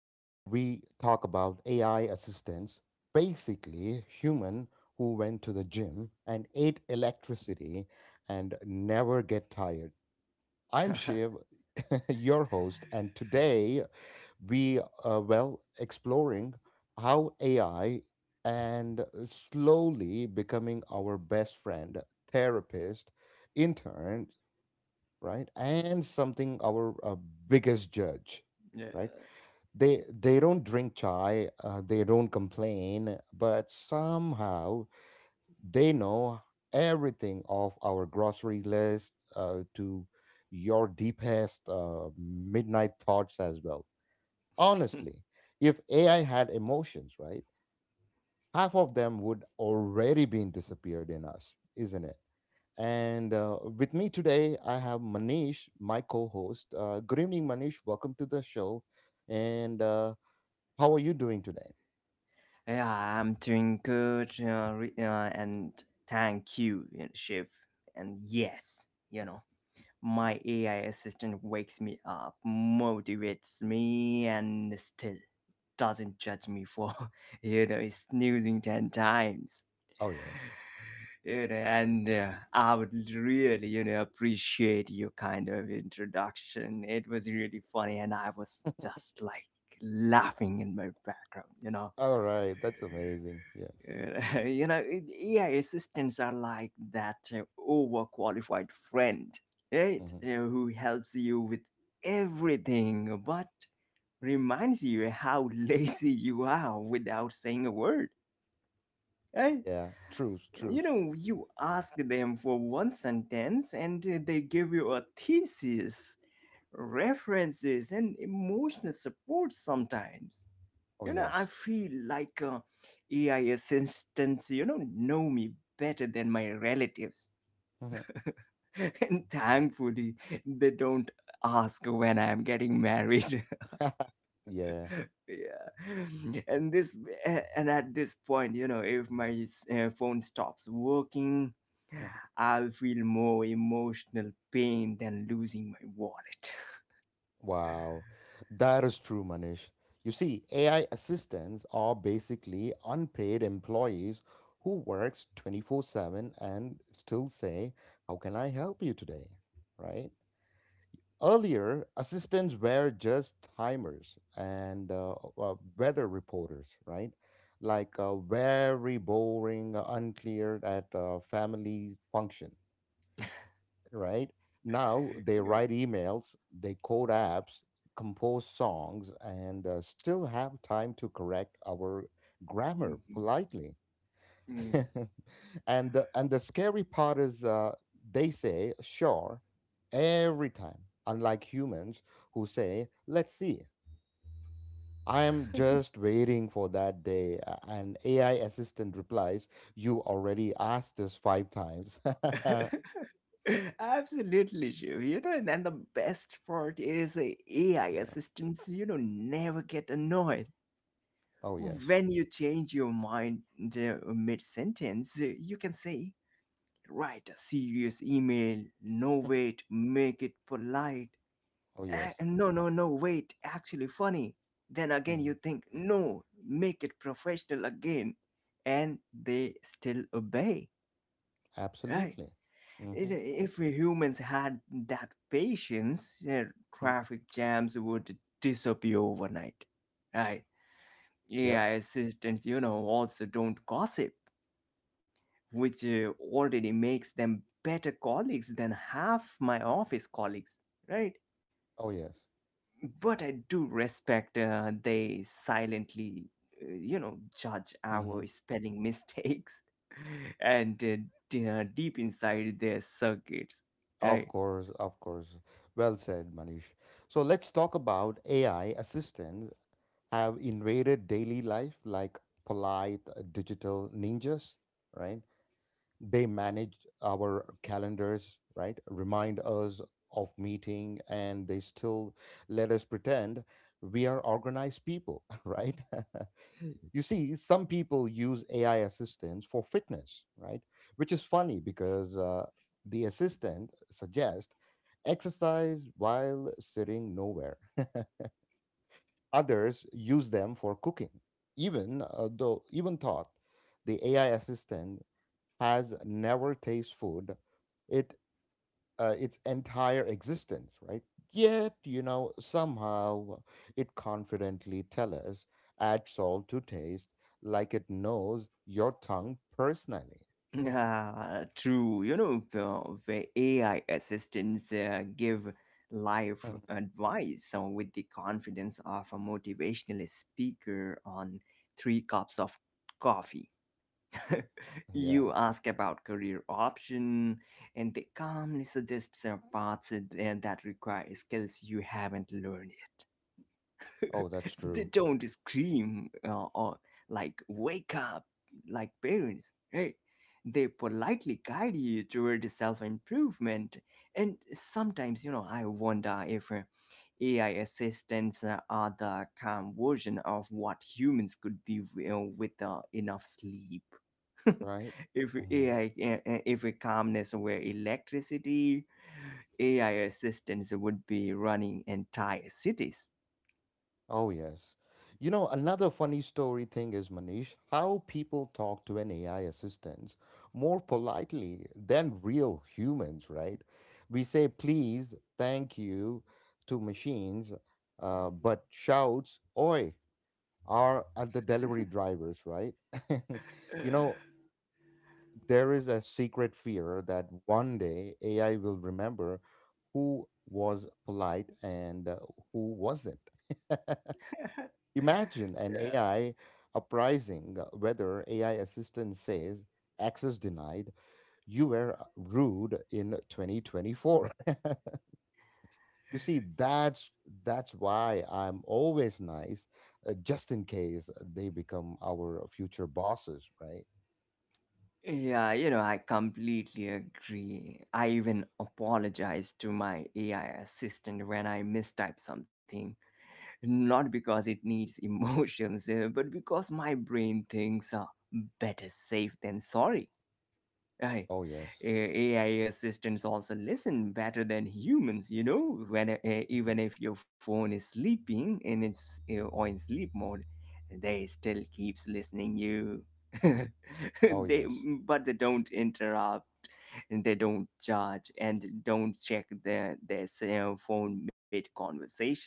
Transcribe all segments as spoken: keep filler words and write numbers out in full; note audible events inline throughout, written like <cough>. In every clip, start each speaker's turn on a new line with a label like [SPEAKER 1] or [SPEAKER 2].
[SPEAKER 1] where we talk about A I assistants, basically human who went to the gym and ate electricity and never get tired. I'm Shiv,
[SPEAKER 2] <laughs>
[SPEAKER 1] <laughs> your host, and today we are well exploring how A I and slowly becoming our best friend, therapist, intern right and something our uh, biggest judge
[SPEAKER 2] yeah.
[SPEAKER 1] right they they don't drink chai uh, they don't complain but somehow they know everything of our grocery list uh, to your deepest uh, midnight thoughts as well honestly if ai had emotions right half of them would already been disappeared in us isn't it and uh, with me today, I have Manish, my co host. Uh, good evening, Manish. Welcome to the show. And uh, how are you doing today?
[SPEAKER 2] yeah, I'm doing good, you know, re- uh, and thank you, you know, Shiv. And yes, you know, my A I assistant wakes me up, motivates me, and still doesn't judge me for, <laughs> you know, snoozing ten times.
[SPEAKER 1] Oh, yes.
[SPEAKER 2] You know, and uh, I would really, you know, appreciate your kind of introduction. It was really funny, and I was just like laughing in my background, you know.
[SPEAKER 1] All right. That's amazing. Yes.
[SPEAKER 2] Uh, <laughs> you know, it- A I assistants are like that uh, overqualified friend, right?
[SPEAKER 1] Hmm.
[SPEAKER 2] Uh, who helps you with everything but reminds you how <laughs> lazy you are without saying a word, right?
[SPEAKER 1] Yeah. Truth,
[SPEAKER 2] You
[SPEAKER 1] truth.
[SPEAKER 2] know, you ask them for one sentence and uh, they give you a thesis, references, and emotional support sometimes
[SPEAKER 1] Oh,
[SPEAKER 2] you know i
[SPEAKER 1] yes.
[SPEAKER 2] feel like uh, AI assistants you know know me better than my relatives.
[SPEAKER 1] Mhm.
[SPEAKER 2] <laughs> And thankfully they don't ask when I am getting married.
[SPEAKER 1] <laughs> Yeah.
[SPEAKER 2] <laughs> Yeah. And this a- and at this point, you know if my s- uh, phone stops working,
[SPEAKER 1] Mhm.
[SPEAKER 2] I'll feel more emotional pain than losing my wallet.
[SPEAKER 1] Wow. That is true, Manish. You see, A I assistants are basically unpaid employees who works twenty-four seven and still say, "How can I help you today?" Right? Earlier, assistants were just timers and uh, uh, weather reporters, right? Like uh, very boring, uh, unclear at a family function, right? Now
[SPEAKER 2] <laughs>
[SPEAKER 1] they
[SPEAKER 2] Yeah.
[SPEAKER 1] write emails, they code apps, compose songs, and uh, still have time to correct our grammar
[SPEAKER 2] Mhm.
[SPEAKER 1] politely. <laughs> and the, and the scary part is uh, they say sure every time, unlike humans who say let's see. I am just waiting for that day. Uh, and ai assistant replies you already asked this five times.
[SPEAKER 2] Mm.
[SPEAKER 1] <laughs> Yeah.
[SPEAKER 2] <laughs> <laughs> Absolutely, Shiv. You know, and then the best part is uh, A I assistants, you know, never get annoyed.
[SPEAKER 1] Oh yes.
[SPEAKER 2] When you change your mind uh, mid sentence, you can say, write a serious email, no wait, make it polite.
[SPEAKER 1] Oh
[SPEAKER 2] Ah,
[SPEAKER 1] yes.
[SPEAKER 2] no, no, no, wait, actually funny. Then again,
[SPEAKER 1] Mm.
[SPEAKER 2] you think, no, make it professional again. And they still obey, right?
[SPEAKER 1] Absolutely.
[SPEAKER 2] It,
[SPEAKER 1] Mm-hmm.
[SPEAKER 2] if humans had that patience, uh,
[SPEAKER 1] Hmm.
[SPEAKER 2] traffic jams would disappear overnight, right?
[SPEAKER 1] Yep.
[SPEAKER 2] A I assistants, you know, also don't gossip, which uh, already makes them better colleagues than half my office colleagues, right?
[SPEAKER 1] Oh, yes.
[SPEAKER 2] But I do respect uh, they silently, uh, you know, judge
[SPEAKER 1] Hmm.
[SPEAKER 2] our spelling mistakes. <laughs> and uh, d- uh, deep inside their circuits,
[SPEAKER 1] Of
[SPEAKER 2] right?
[SPEAKER 1] course, of course. Well said, Manish. So let's talk about A I assistants have invaded daily life like polite uh, digital ninjas, right? They manage our calendars, right? Remind us of meeting and they still let us pretend we are organized people, <laughs> right? <laughs> You see, some people use A I assistants for fitness, right? Which is funny because uh, the assistant suggests exercise while sitting nowhere. Others use them for cooking. Even uh, though, even thought the A I assistant has never tasted food, it uh, its entire existence, right? Yet, you know, somehow it confidently tell us add salt to taste, like it knows your tongue personally. <laughs>
[SPEAKER 2] Yeah, true. You know, the where A I assistants uh, give life advice uh, with the confidence of a motivational speaker on three cups of coffee. <laughs>
[SPEAKER 1] Yeah.
[SPEAKER 2] You ask about career option, and they calmly suggest some paths that that require skills you haven't learned.
[SPEAKER 1] Oh, that's
[SPEAKER 2] <laughs> They
[SPEAKER 1] true,
[SPEAKER 2] don't scream uh, or like wake up like parents, right? They politely guide you toward self-improvement, and sometimes you know I wonder if uh, AI assistants uh, are the calm version of what humans could be, you know, with uh, enough sleep.
[SPEAKER 1] right?
[SPEAKER 2] <laughs> if
[SPEAKER 1] Mm-hmm.
[SPEAKER 2] ai uh, uh, if calmness were electricity, AI assistants would be running entire cities.
[SPEAKER 1] Oh, yes. You know, another funny story thing is, Manish, how people talk to an A I assistant more politely than real humans, right? We say please, thank you to machines, uh, but shouts, oi, are at the delivery drivers, right? <laughs> You know, there is a secret fear that one day A I will remember who was polite and uh, who wasn't. <laughs> Imagine an A I uprising uh, whether A I assistant says access denied, you were uh, rude in twenty twenty-four. <laughs> You see, that's that's why I'm always nice, uh, just in case they become our future bosses, right?
[SPEAKER 2] Yeah, you know, I completely agree. I even apologized to my A I assistant when I mistype something, not because it needs <laughs> emotions, uh, but because my brain thinks uh, better safe than sorry. Right.
[SPEAKER 1] Oh yes.
[SPEAKER 2] A- AI assistants also listen better than humans, you know, when uh,
[SPEAKER 1] Mhm.
[SPEAKER 2] even if your phone is sleeping in its uh, or in sleep mode, they still keeps listening you. <laughs>
[SPEAKER 1] Oh
[SPEAKER 2] they
[SPEAKER 1] yes.
[SPEAKER 2] but they don't interrupt and they don't judge and don't check their their cell phone mid conversation.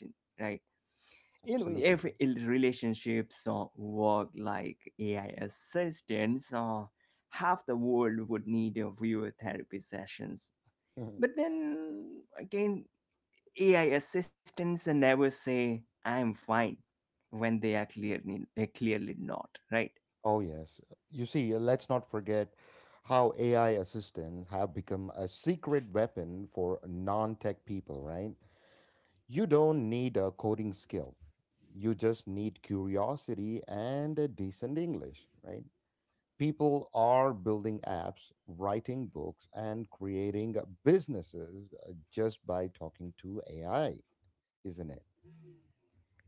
[SPEAKER 2] you know every
[SPEAKER 1] Absolutely.
[SPEAKER 2] il- relationships or work like AI assistants, or half the world would need a viewer therapy sessions.
[SPEAKER 1] Mhm.
[SPEAKER 2] But then again, AI assistants never say I'm fine when they are clearly they're clearly not, right?
[SPEAKER 1] Oh yes. You see, let's not forget how A I assistants have become a secret weapon for non-tech people, right? You don't need a coding skill. You just need curiosity and a decent English, right? People are building apps, writing books, and creating businesses uh, just by talking to A I, isn't it?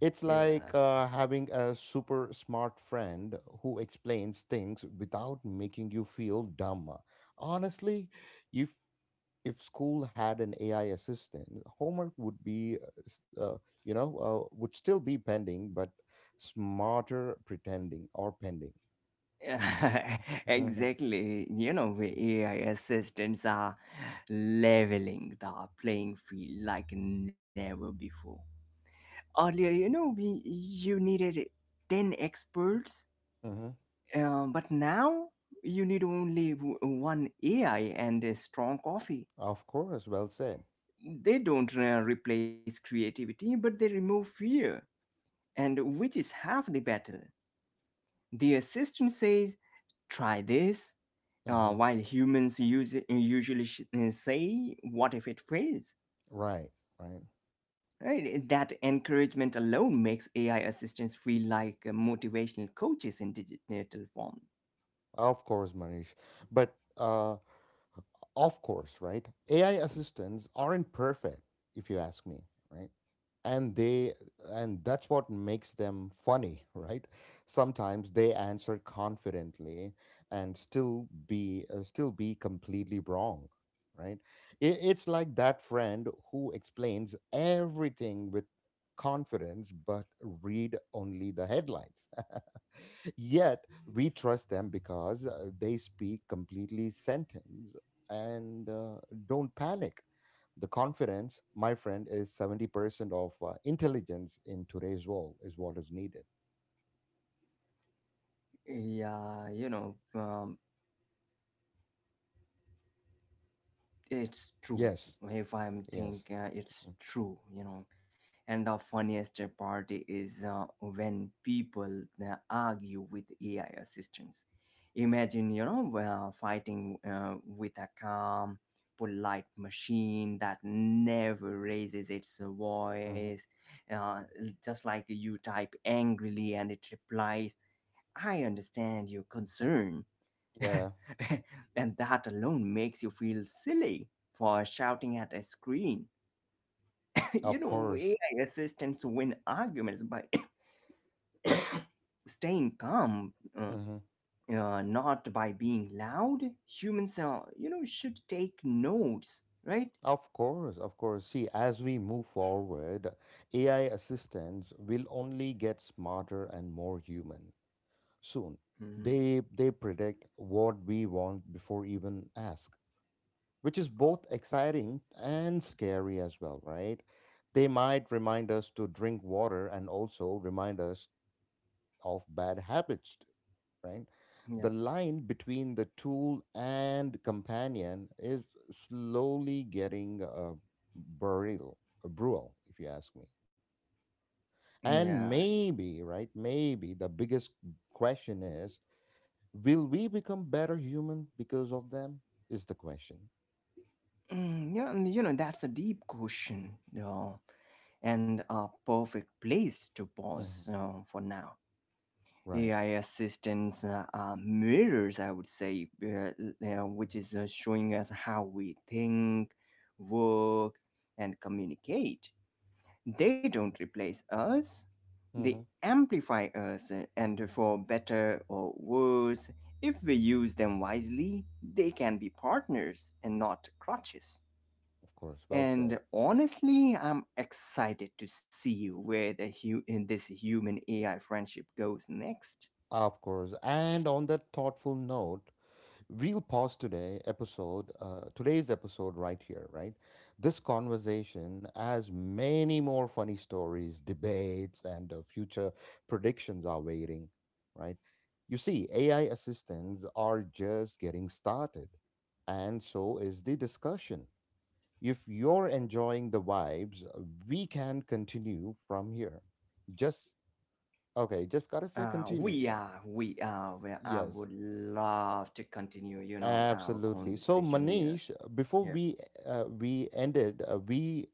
[SPEAKER 1] It's like uh, having a super smart friend who explains things without making you feel dumb. Honestly, you if school had an A I assistant, homework would be, uh, s- uh, you know, uh, would still be pending, but smarter pretending or pending.
[SPEAKER 2] <laughs>
[SPEAKER 1] Mhm,
[SPEAKER 2] Exactly. You know where AI assistants are leveling the playing field like never before. Earlier, you know we you needed ten experts,
[SPEAKER 1] mhm.
[SPEAKER 2] uh, but now you need only w- one AI and a strong coffee.
[SPEAKER 1] Of course, well said.
[SPEAKER 2] They don't uh, replace creativity, but they remove fear, and which is half the battle. The assistant says try this, uh,
[SPEAKER 1] Hmm.
[SPEAKER 2] while humans use, usually sh- say what if it fails.
[SPEAKER 1] Right, right.
[SPEAKER 2] Right, eh, that encouragement alone makes A I assistants feel like uh, motivational coaches in digital form.
[SPEAKER 1] Of course, Manish. But uh, of course, right? A I assistants aren't perfect, if you ask me, right? And they and that's what makes them funny, <laughs> right? Sometimes they answer confidently and still be uh, still be completely wrong, right? It, it's like that friend who explains everything with confidence but read only the headlines. <laughs> Yet we trust them because uh, they speak completely sentence and uh, don't panic. The confidence, my friend, is seventy percent of uh, intelligence in today's world, is what is needed.
[SPEAKER 2] Yeah, you know, um, it's true.
[SPEAKER 1] Yes,
[SPEAKER 2] If I'm
[SPEAKER 1] yes.
[SPEAKER 2] think uh,
[SPEAKER 1] Mm.
[SPEAKER 2] It's true, you know. And the funniest part is uh, when people uh, argue with AI assistants. Imagine, you know uh, fighting uh, with a calm, polite machine that never raises its
[SPEAKER 1] Mm-hmm.
[SPEAKER 2] voice, uh, just like you type angrily and it replies I understand your concern. <laughs>
[SPEAKER 1] Yeah,
[SPEAKER 2] And that alone makes you feel silly for shouting at a screen. <laughs> You
[SPEAKER 1] of
[SPEAKER 2] know,
[SPEAKER 1] course.
[SPEAKER 2] A I assistants win arguments by <coughs> <clears throat> staying calm, uh,
[SPEAKER 1] Hmm.
[SPEAKER 2] uh, not by being loud. Humans, uh, you know, should take notes, right?
[SPEAKER 1] Of course, of course. See, as we move forward, A I assistants will only get smarter and more human soon.
[SPEAKER 2] Mhm.
[SPEAKER 1] They they predict what we want before even ask, which is both exciting and scary as well, right? They might remind us to drink water and also remind us of bad habits, too, right?
[SPEAKER 2] Yeah.
[SPEAKER 1] The line between the tool and companion is slowly getting uh, burial, brutal, if you ask me. And
[SPEAKER 2] Yeah.
[SPEAKER 1] maybe, right? Maybe the biggest question is will we become better human because of them? Is the question.
[SPEAKER 2] Mm, yeah, and, you know, that's a deep question uh, and a perfect place to pause
[SPEAKER 1] Mm-hmm.
[SPEAKER 2] uh, for now.
[SPEAKER 1] Right.
[SPEAKER 2] A I assistants uh, are mirrors, I would say, uh, you know, which is uh, showing us how we think, work, and communicate. They don't replace us, they
[SPEAKER 1] Mm-hmm.
[SPEAKER 2] amplify us, uh, and for better or worse, if we use them wisely, they can be partners and not crutches.
[SPEAKER 1] Of course. Well said.
[SPEAKER 2] And honestly, I'm excited to see where the hu- in this human A I friendship goes next.
[SPEAKER 1] Of course. And on that thoughtful note, we'll pause today episode, uh, today's episode right here, right? This conversation has many more funny stories, debates, and uh, future predictions are waiting, right? You see, A I assistants are just getting started, and so is the discussion. If you're enjoying the vibes, uh, we can continue from here. Just okay, just gotta say
[SPEAKER 2] Uh,
[SPEAKER 1] continue.
[SPEAKER 2] we
[SPEAKER 1] Yeah.
[SPEAKER 2] are, we are. Well, I
[SPEAKER 1] Yes,
[SPEAKER 2] would love to continue, you know, our
[SPEAKER 1] absolutely. So
[SPEAKER 2] conversation. We are,
[SPEAKER 1] Manish, before
[SPEAKER 2] yeah.
[SPEAKER 1] we uh, we ended, uh, we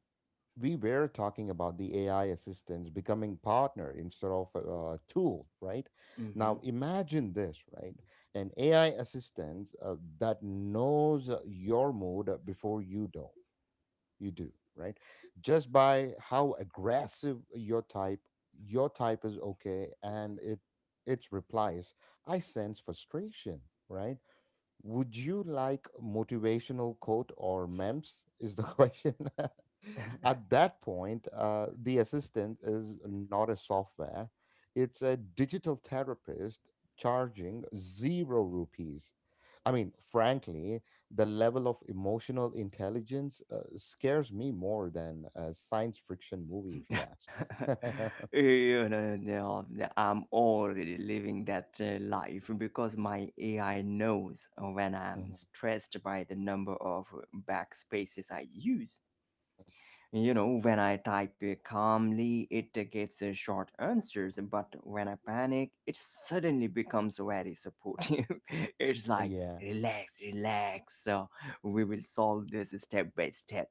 [SPEAKER 1] we were talking about the A I assistants becoming partner instead of a, a tool, right? Now
[SPEAKER 2] Mm-hmm.
[SPEAKER 1] imagine this, right? An A I assistant uh, that knows uh, your mood before you do you do right just by how aggressive your type your type is okay and it its replies I sense frustration right would you like motivational quote or memes? Is the <laughs> question. At that point, uh, the assistant is not a software; it's a digital therapist charging zero rupees. I mean, frankly, the level of emotional intelligence uh, scares me more than a science fiction movie, if you ask.
[SPEAKER 2] <laughs>
[SPEAKER 1] <laughs>
[SPEAKER 2] you know, no, no, I'm already living that uh, life because my A I knows when I'm
[SPEAKER 1] Mhm.
[SPEAKER 2] stressed by the number of backspaces I use. You know, when I type it calmly, it uh, gives uh, short answers, but when I panic, it suddenly becomes very supportive. <laughs> It's like,
[SPEAKER 1] Yeah.
[SPEAKER 2] relax, relax, uh, we will solve this step by step.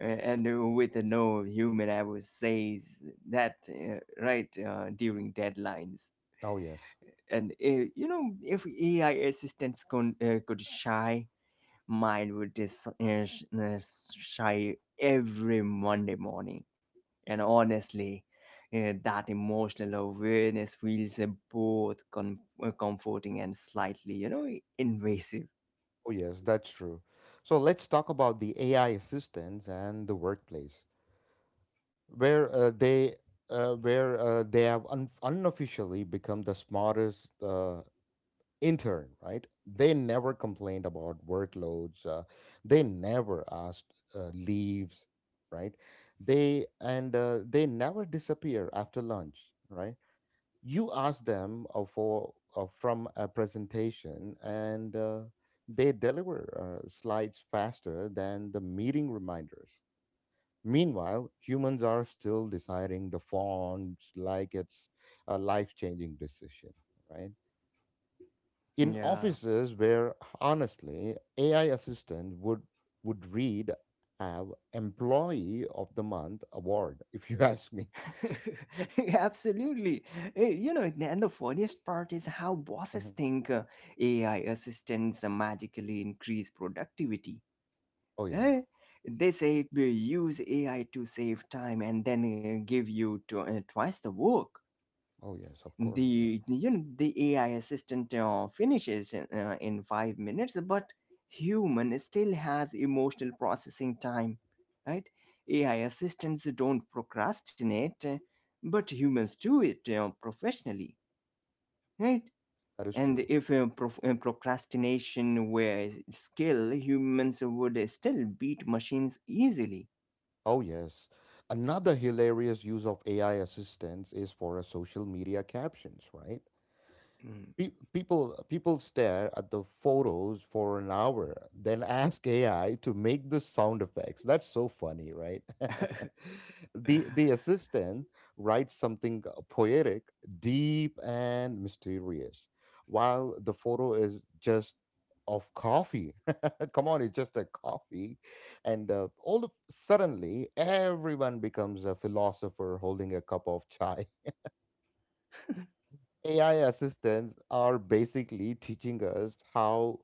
[SPEAKER 2] Uh, And uh, with no human, I would say that uh, right uh, during deadlines.
[SPEAKER 1] Oh, yes.
[SPEAKER 2] And uh, you know, if A I assistants con- uh, could shy, mine would just uh, sh- uh, shy every Monday morning. And honestly, uh, that emotional awareness feels uh, both com- uh, comforting and slightly, you know, invasive.
[SPEAKER 1] Oh, yes, that's true. So let's talk about the A I assistants and the workplace, where uh, they uh, where uh, they have un- unofficially become the smartest uh, intern. Right? They never complained about workloads. Uh, they never asked uh, leaves. Right? They and uh, they never disappear after lunch. Right? You ask them uh, for uh, from a presentation and uh, they deliver uh, slides faster than the meeting reminders, meanwhile humans are still deciding the fonts like it's a life-changing decision, right? In
[SPEAKER 2] Yeah,
[SPEAKER 1] offices where honestly ai assistant would would read have employee of the month award <laughs> if you ask me.
[SPEAKER 2] <laughs> absolutely. Uh, You know, and the funniest part is how bosses
[SPEAKER 1] Mhm.
[SPEAKER 2] think uh, A I assistants magically increase productivity.
[SPEAKER 1] Oh yeah.
[SPEAKER 2] Eh, they say we use A I to save time and then uh, give you to, uh, twice the work.
[SPEAKER 1] Oh yes, of course. Yeah.
[SPEAKER 2] The you know the A I assistant uh, finishes uh, in five minutes, but human still has emotional processing time, right? A I assistants don't procrastinate, uh, but humans do it uh, professionally, right?
[SPEAKER 1] That is
[SPEAKER 2] And
[SPEAKER 1] true.
[SPEAKER 2] if uh, prof- uh, procrastination were a skill, humans would still beat machines easily.
[SPEAKER 1] Oh, yes. Another hilarious use of A I assistants is for a social media captions, right?
[SPEAKER 2] Mm.
[SPEAKER 1] Pe- people people stare at the photos for an hour then <laughs> ask ai to make the sound effects, that's so funny right. <laughs> the the assistant writes something uh, poetic, deep and mysterious, while the photo is just of coffee. <laughs> Come on, it's just a coffee. And uh, all of suddenly everyone becomes a philosopher holding a cup of chai. A I assistants are basically teaching us how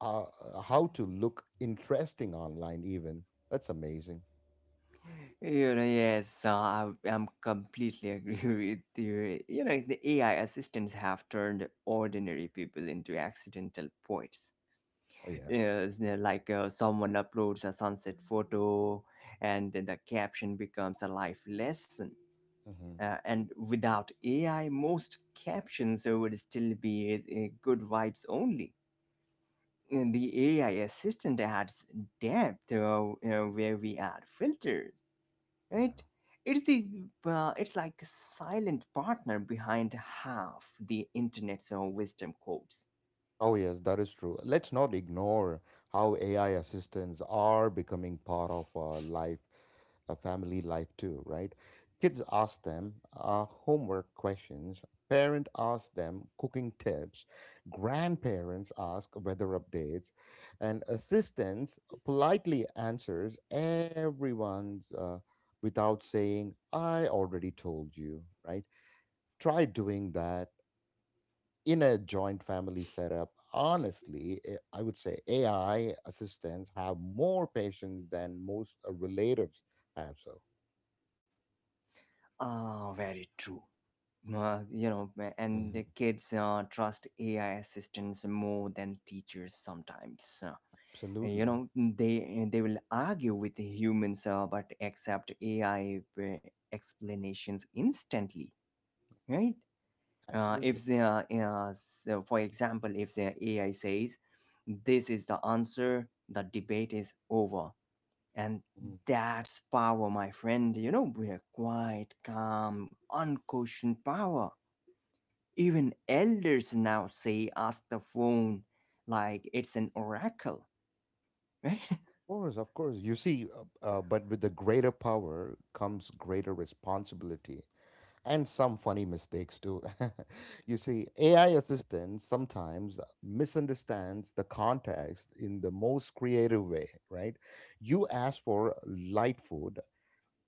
[SPEAKER 1] uh, uh, how to look interesting online. Even that's amazing.
[SPEAKER 2] You know, yes, uh, I, I'm completely agree <laughs> with you. You know, the A I assistants have turned ordinary people into accidental poets.
[SPEAKER 1] Oh yes.
[SPEAKER 2] Yes, they're like uh, someone uploads a sunset photo, and then the caption becomes a life lesson.
[SPEAKER 1] Hmm.
[SPEAKER 2] Uh, and without A I, most captions would still be uh, good vibes only. And the A I assistant adds depth, uh, uh, where we add filters,
[SPEAKER 1] Yeah.
[SPEAKER 2] right? it's the uh, it's like the silent partner behind half the internet's uh, wisdom quotes.
[SPEAKER 1] Oh, yes, that is true. Let's not ignore how A I assistants are becoming part of our life, a family life too, right? Kids ask them uh, homework questions, parent ask them cooking tips, grandparents ask weather updates, and assistants politely answers everyone's uh, without saying, I already told you, right? Try doing that in a joint family setup, honestly, eh, I would say A I assistants have more patience than most uh, relatives have. So,
[SPEAKER 2] Ah, very true. Uh, you know, and the
[SPEAKER 1] Mhm.
[SPEAKER 2] kids uh, trust AI assistants more than teachers sometimes. Uh, you know,
[SPEAKER 1] Absolutely,
[SPEAKER 2] they they will argue with the humans, uh, but accept AI uh, explanations instantly, right? uh,
[SPEAKER 1] absolutely.
[SPEAKER 2] if the, uh, uh, So for example, if the AI says this is the answer, the debate is over. And
[SPEAKER 1] Mhm. Of
[SPEAKER 2] that's power, my friend. You know, we're quite calm, unquestioned power. Even elders now say ask the phone like it's an oracle, right?
[SPEAKER 1] course, of course. You see, uh, uh, but with the greater power comes greater responsibility and some funny mistakes too. <laughs> You see, A I assistants sometimes misunderstands the context in the most creative way, right? You ask for light food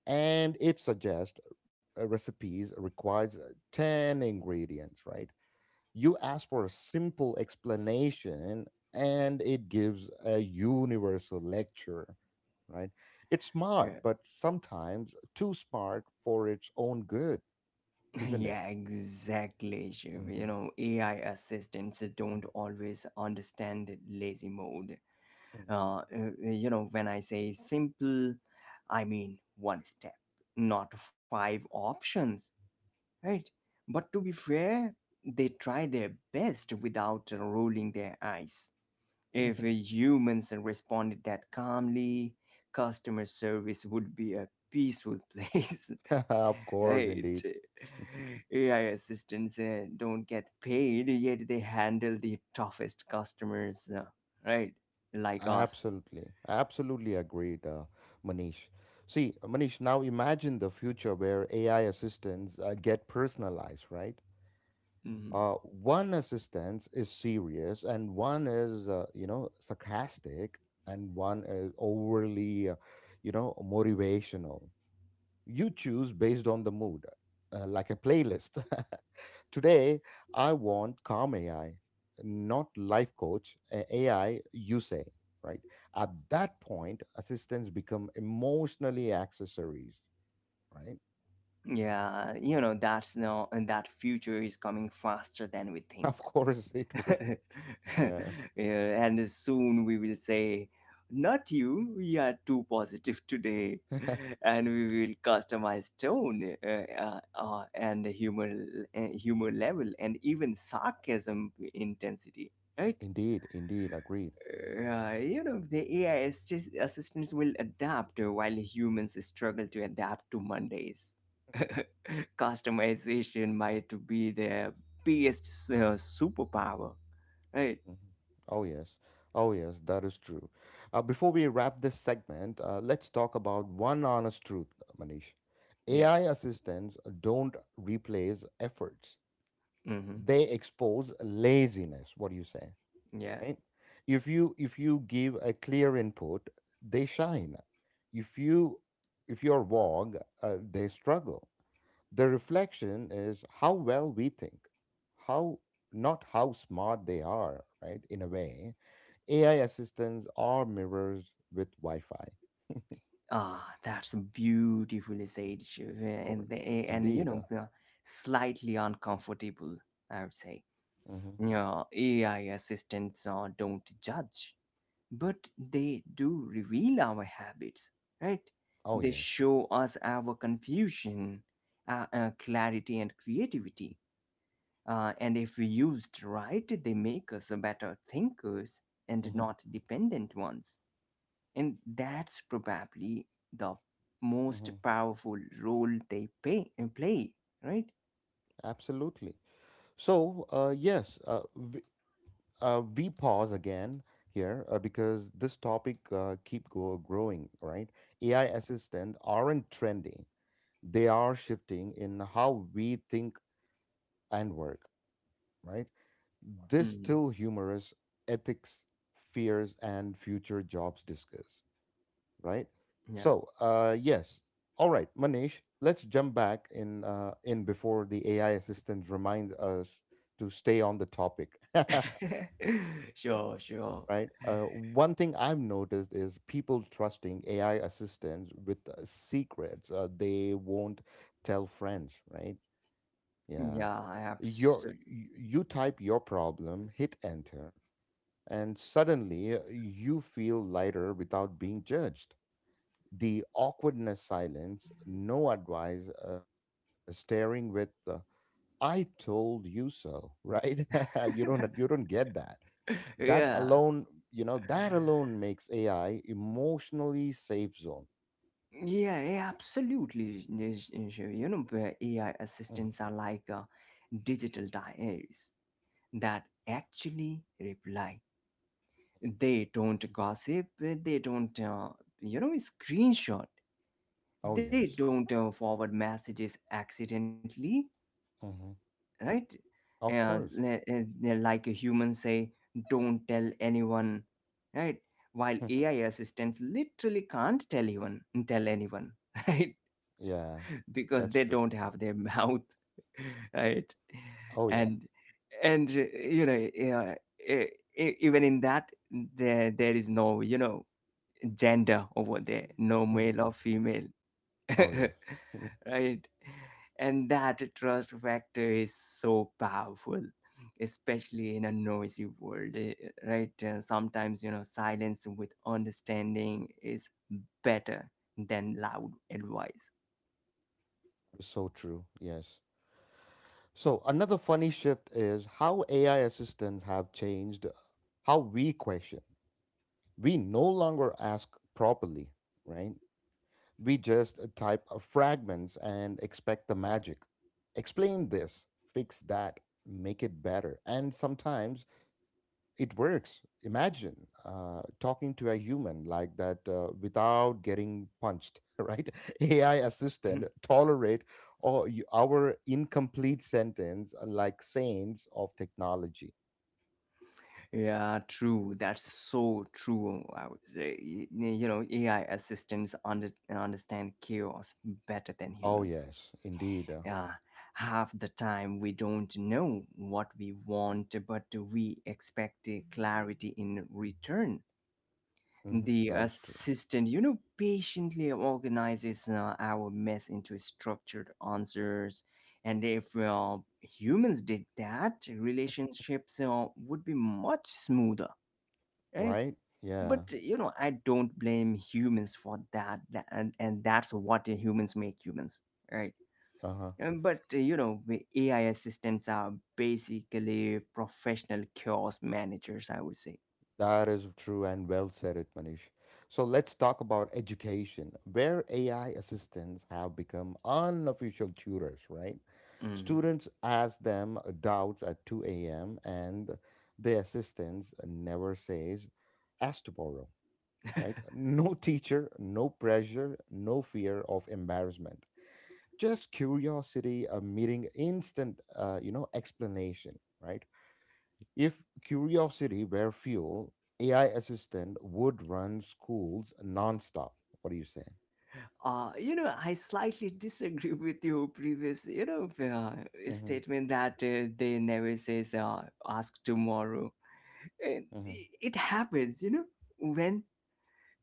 [SPEAKER 1] and it suggests uh, recipes requires uh, ten ingredients, right? You ask for a simple explanation and it gives a universal lecture, right? It's smart
[SPEAKER 2] <laughs> Yeah.
[SPEAKER 1] but sometimes too smart for its own good,
[SPEAKER 2] <laughs>
[SPEAKER 1] isn't
[SPEAKER 2] Yeah,
[SPEAKER 1] it?
[SPEAKER 2] exactly, Shiv. You
[SPEAKER 1] Hmm.
[SPEAKER 2] know, AI assistants don't always understand lazy mode. Uh, uh, you know, when I say simple, I mean one step, not five options, right? But to be fair, they try their best without rolling their eyes. If humans responded that calmly, customer service would be a peaceful place.
[SPEAKER 1] <laughs>
[SPEAKER 2] <laughs>
[SPEAKER 1] Of
[SPEAKER 2] Right.
[SPEAKER 1] course, indeed.
[SPEAKER 2] AI assistants uh, don't get paid, yet they handle the toughest customers, uh, right, like us.
[SPEAKER 1] Absolutely, absolutely agreed. uh, Manish, see Manish, now imagine the future where AI assistants uh, get personalized, right?
[SPEAKER 2] Mm-hmm.
[SPEAKER 1] uh, One assistant is serious and one is uh, you know, sarcastic, and one is overly uh, you know, motivational. You choose based on the mood, uh, like a playlist. <laughs> Today I want calm ai, not life coach uh, ai, you say, right? At that point, assistants become emotionally accessories, right?
[SPEAKER 2] Yeah, you know, that's no, and that future is coming faster than we
[SPEAKER 1] <laughs>
[SPEAKER 2] think.
[SPEAKER 1] Of course it would.
[SPEAKER 2] <laughs>
[SPEAKER 1] Yeah.
[SPEAKER 2] Yeah, and soon we will say, not you, we are too positive today.
[SPEAKER 1] <laughs>
[SPEAKER 2] <laughs> And we will customize tone, uh, uh, uh, and humor, uh, humor level and even sarcasm intensity, right?
[SPEAKER 1] Indeed, indeed agree.
[SPEAKER 2] Uh, you know, the A I assist- assistants will adapt uh, while humans struggle to adapt to Mondays. <laughs> Customization might be their biggest uh, superpower, right?
[SPEAKER 1] Mhm. Oh, yes. Oh, yes, that is true. Uh, before we wrap this segment, uh, let's talk about one honest truth, Manish.
[SPEAKER 2] Yeah.
[SPEAKER 1] A I assistants don't replace efforts.
[SPEAKER 2] Hmm.
[SPEAKER 1] They expose laziness. What do you say?
[SPEAKER 2] Yeah.
[SPEAKER 1] Right? If you if you give a clear input, they shine. If you if you're vague, uh, they struggle. The reflection is how well we think, how not how smart they are, right? In a way A I assistants are mirrors with Wi-Fi.
[SPEAKER 2] Ah, that's beautifully said, Shiv. And,
[SPEAKER 1] Correct.
[SPEAKER 2] the, and you
[SPEAKER 1] Indeed. uh,
[SPEAKER 2] know, uh, slightly uncomfortable, I would say.
[SPEAKER 1] Mm-hmm.
[SPEAKER 2] Yeah, A I assistants uh, don't judge, but they do reveal our habits, right?
[SPEAKER 1] Oh
[SPEAKER 2] They
[SPEAKER 1] yes.
[SPEAKER 2] show us our confusion, uh, uh, clarity, and creativity. Uh, and if we used right, they make us better thinkers and
[SPEAKER 1] Mm-hmm.
[SPEAKER 2] not dependent ones. And that's probably the most
[SPEAKER 1] Mm-hmm.
[SPEAKER 2] powerful role they pay, play, right?
[SPEAKER 1] Absolutely. So uh, yes, uh, we, uh, we pause again here uh, because this topic uh, keep go- growing. Right? A I assistant aren't trendy. They are shifting in how we think and work. Right? This
[SPEAKER 2] Mm,
[SPEAKER 1] still humorous ethics, fears, and future jobs discuss, right?
[SPEAKER 2] yeah.
[SPEAKER 1] So, uh, yes. All right, Manish, let's jump back in uh, in before the A I assistant reminds us to stay on the topic,
[SPEAKER 2] <laughs> Sure, sure.
[SPEAKER 1] <laughs> right? Uh, one thing I've noticed is people trusting A I assistants with uh, secrets uh, they won't tell friends, right? Yeah.
[SPEAKER 2] Yeah,
[SPEAKER 1] Your,
[SPEAKER 2] absolutely.
[SPEAKER 1] y- you type your problem, hit enter, and suddenly uh, you feel lighter without being judged. The awkwardness silence, no advice, uh, staring with uh, "I told you so," right? <laughs> you don't you don't get that. That
[SPEAKER 2] Yeah.
[SPEAKER 1] alone, you know, that alone makes A I emotionally safe zone.
[SPEAKER 2] Yeah, yeah, eh, absolutely. Nish- Nish. You know, where A I
[SPEAKER 1] Mhm.
[SPEAKER 2] assistants are like uh, digital diaries that actually reply. They don't gossip, they don't, uh, you know, screenshot,
[SPEAKER 1] Oh
[SPEAKER 2] they
[SPEAKER 1] yes.
[SPEAKER 2] don't uh, forward messages accidentally,
[SPEAKER 1] Hmm.
[SPEAKER 2] right?
[SPEAKER 1] Of
[SPEAKER 2] Uh,
[SPEAKER 1] course.
[SPEAKER 2] le- uh, they're like a human say, don't tell anyone, right? While A I
[SPEAKER 1] <laughs>
[SPEAKER 2] assistants literally can't tell anyone, tell anyone, <laughs> right?
[SPEAKER 1] Yeah,
[SPEAKER 2] Because
[SPEAKER 1] that's
[SPEAKER 2] they
[SPEAKER 1] true.
[SPEAKER 2] don't have their mouth. <laughs> Right.
[SPEAKER 1] Oh yeah.
[SPEAKER 2] and and uh, you know yeah, e- e- even in that, there there is no you know gender over there, no male
[SPEAKER 1] Hmm.
[SPEAKER 2] or female. <laughs>
[SPEAKER 1] Oh yes. Mm.
[SPEAKER 2] Right. And that trust factor is so powerful, especially in a noisy world, eh, right? Uh, sometimes, you know, silence with understanding is better than loud advice.
[SPEAKER 1] So true. Yes. So another funny shift is how A I assistants have changed how we question. We no longer ask properly, right? We just uh, type uh, fragments and expect the magic. Explain this, fix that, make it better. And sometimes it works. Imagine uh, talking to a human like that uh, without getting punched, <laughs> right? A I assistant tolerate or y- our incomplete sentence uh, like saints of technology.
[SPEAKER 2] Yeah, true. That's so true. I would say, Y- you know, A I assistants under, understand chaos better than
[SPEAKER 1] Oh
[SPEAKER 2] humans.
[SPEAKER 1] yes, indeed. Uh,
[SPEAKER 2] Yeah, half the time we don't know what we want, but we expect uh, clarity in return.
[SPEAKER 1] mhm,
[SPEAKER 2] The
[SPEAKER 1] that is true.
[SPEAKER 2] assistant, you know, patiently organizes uh, our mess into structured answers. And if uh, humans did that, relationships uh, would be much smoother, right?
[SPEAKER 1] Right? Yeah.
[SPEAKER 2] But you know, I don't blame humans for that, tha- and and that's what humans make humans, right?
[SPEAKER 1] Uh-huh.
[SPEAKER 2] Um, But uh, you know, the A I assistants are basically professional chaos managers, I would say.
[SPEAKER 1] That is true and well said it, Manish. So let's talk about education, where A I assistants have become unofficial tutors, right?
[SPEAKER 2] Mm-hmm.
[SPEAKER 1] Students ask them doubts at two a m and the assistants never says, ask tomorrow, right? <laughs> No teacher, no pressure, no fear of embarrassment. Just curiosity, a meeting, instant, uh, you know, explanation, right? If curiosity were fuel, A I assistant would run schools nonstop. What do you say?
[SPEAKER 2] Uh, you know, I slightly <laughs> disagree with your previous, you know, uh,
[SPEAKER 1] Mm-hmm.
[SPEAKER 2] statement that uh, they never says uh, ask tomorrow. Uh, It happens, you know, when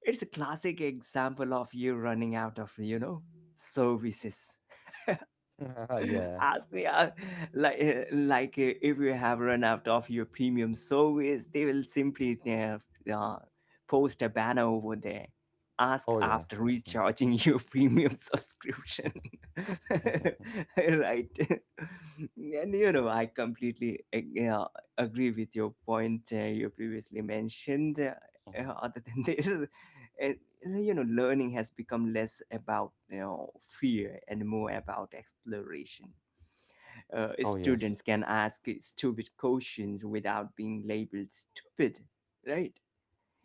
[SPEAKER 2] it's a classic example of you running out of, you know, services.
[SPEAKER 1] Mm-hmm. <laughs> Yeah.
[SPEAKER 2] Ask me uh, like uh, like uh, If you have run out of your premium service, they will simply uh, uh, post a banner over there: ask
[SPEAKER 1] Oh yeah.
[SPEAKER 2] after
[SPEAKER 1] Mhm,
[SPEAKER 2] recharging your <laughs> premium subscription.
[SPEAKER 1] mhm,
[SPEAKER 2] <laughs>
[SPEAKER 1] mhm,
[SPEAKER 2] Right. And you know, I completely uh, you know, agree with your point uh, you previously mentioned, uh, uh,
[SPEAKER 1] mhm. <laughs>
[SPEAKER 2] other than <laughs> this. uh, you know, learning has become less about, you know, fear and more about exploration. Uh,
[SPEAKER 1] Oh yes.
[SPEAKER 2] students can ask stupid questions without being labeled stupid, right?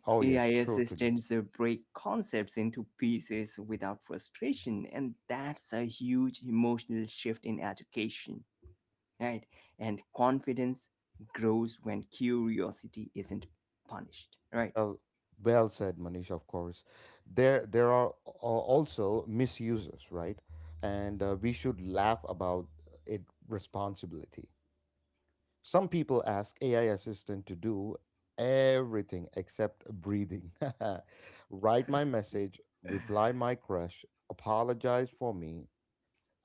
[SPEAKER 1] Oh
[SPEAKER 2] AI
[SPEAKER 1] yes. Totally.
[SPEAKER 2] assistants uh, break concepts into pieces without frustration, and that's a huge emotional shift in education, right? And confidence grows when curiosity isn't punished, right?
[SPEAKER 1] Well, well said, Manish. Of course, there there are a- also misuses, right? And uh, we should laugh about it. Responsibility. Some people ask A I assistant to do everything except breathing. <laughs> Write my message, reply my crush, apologize for me.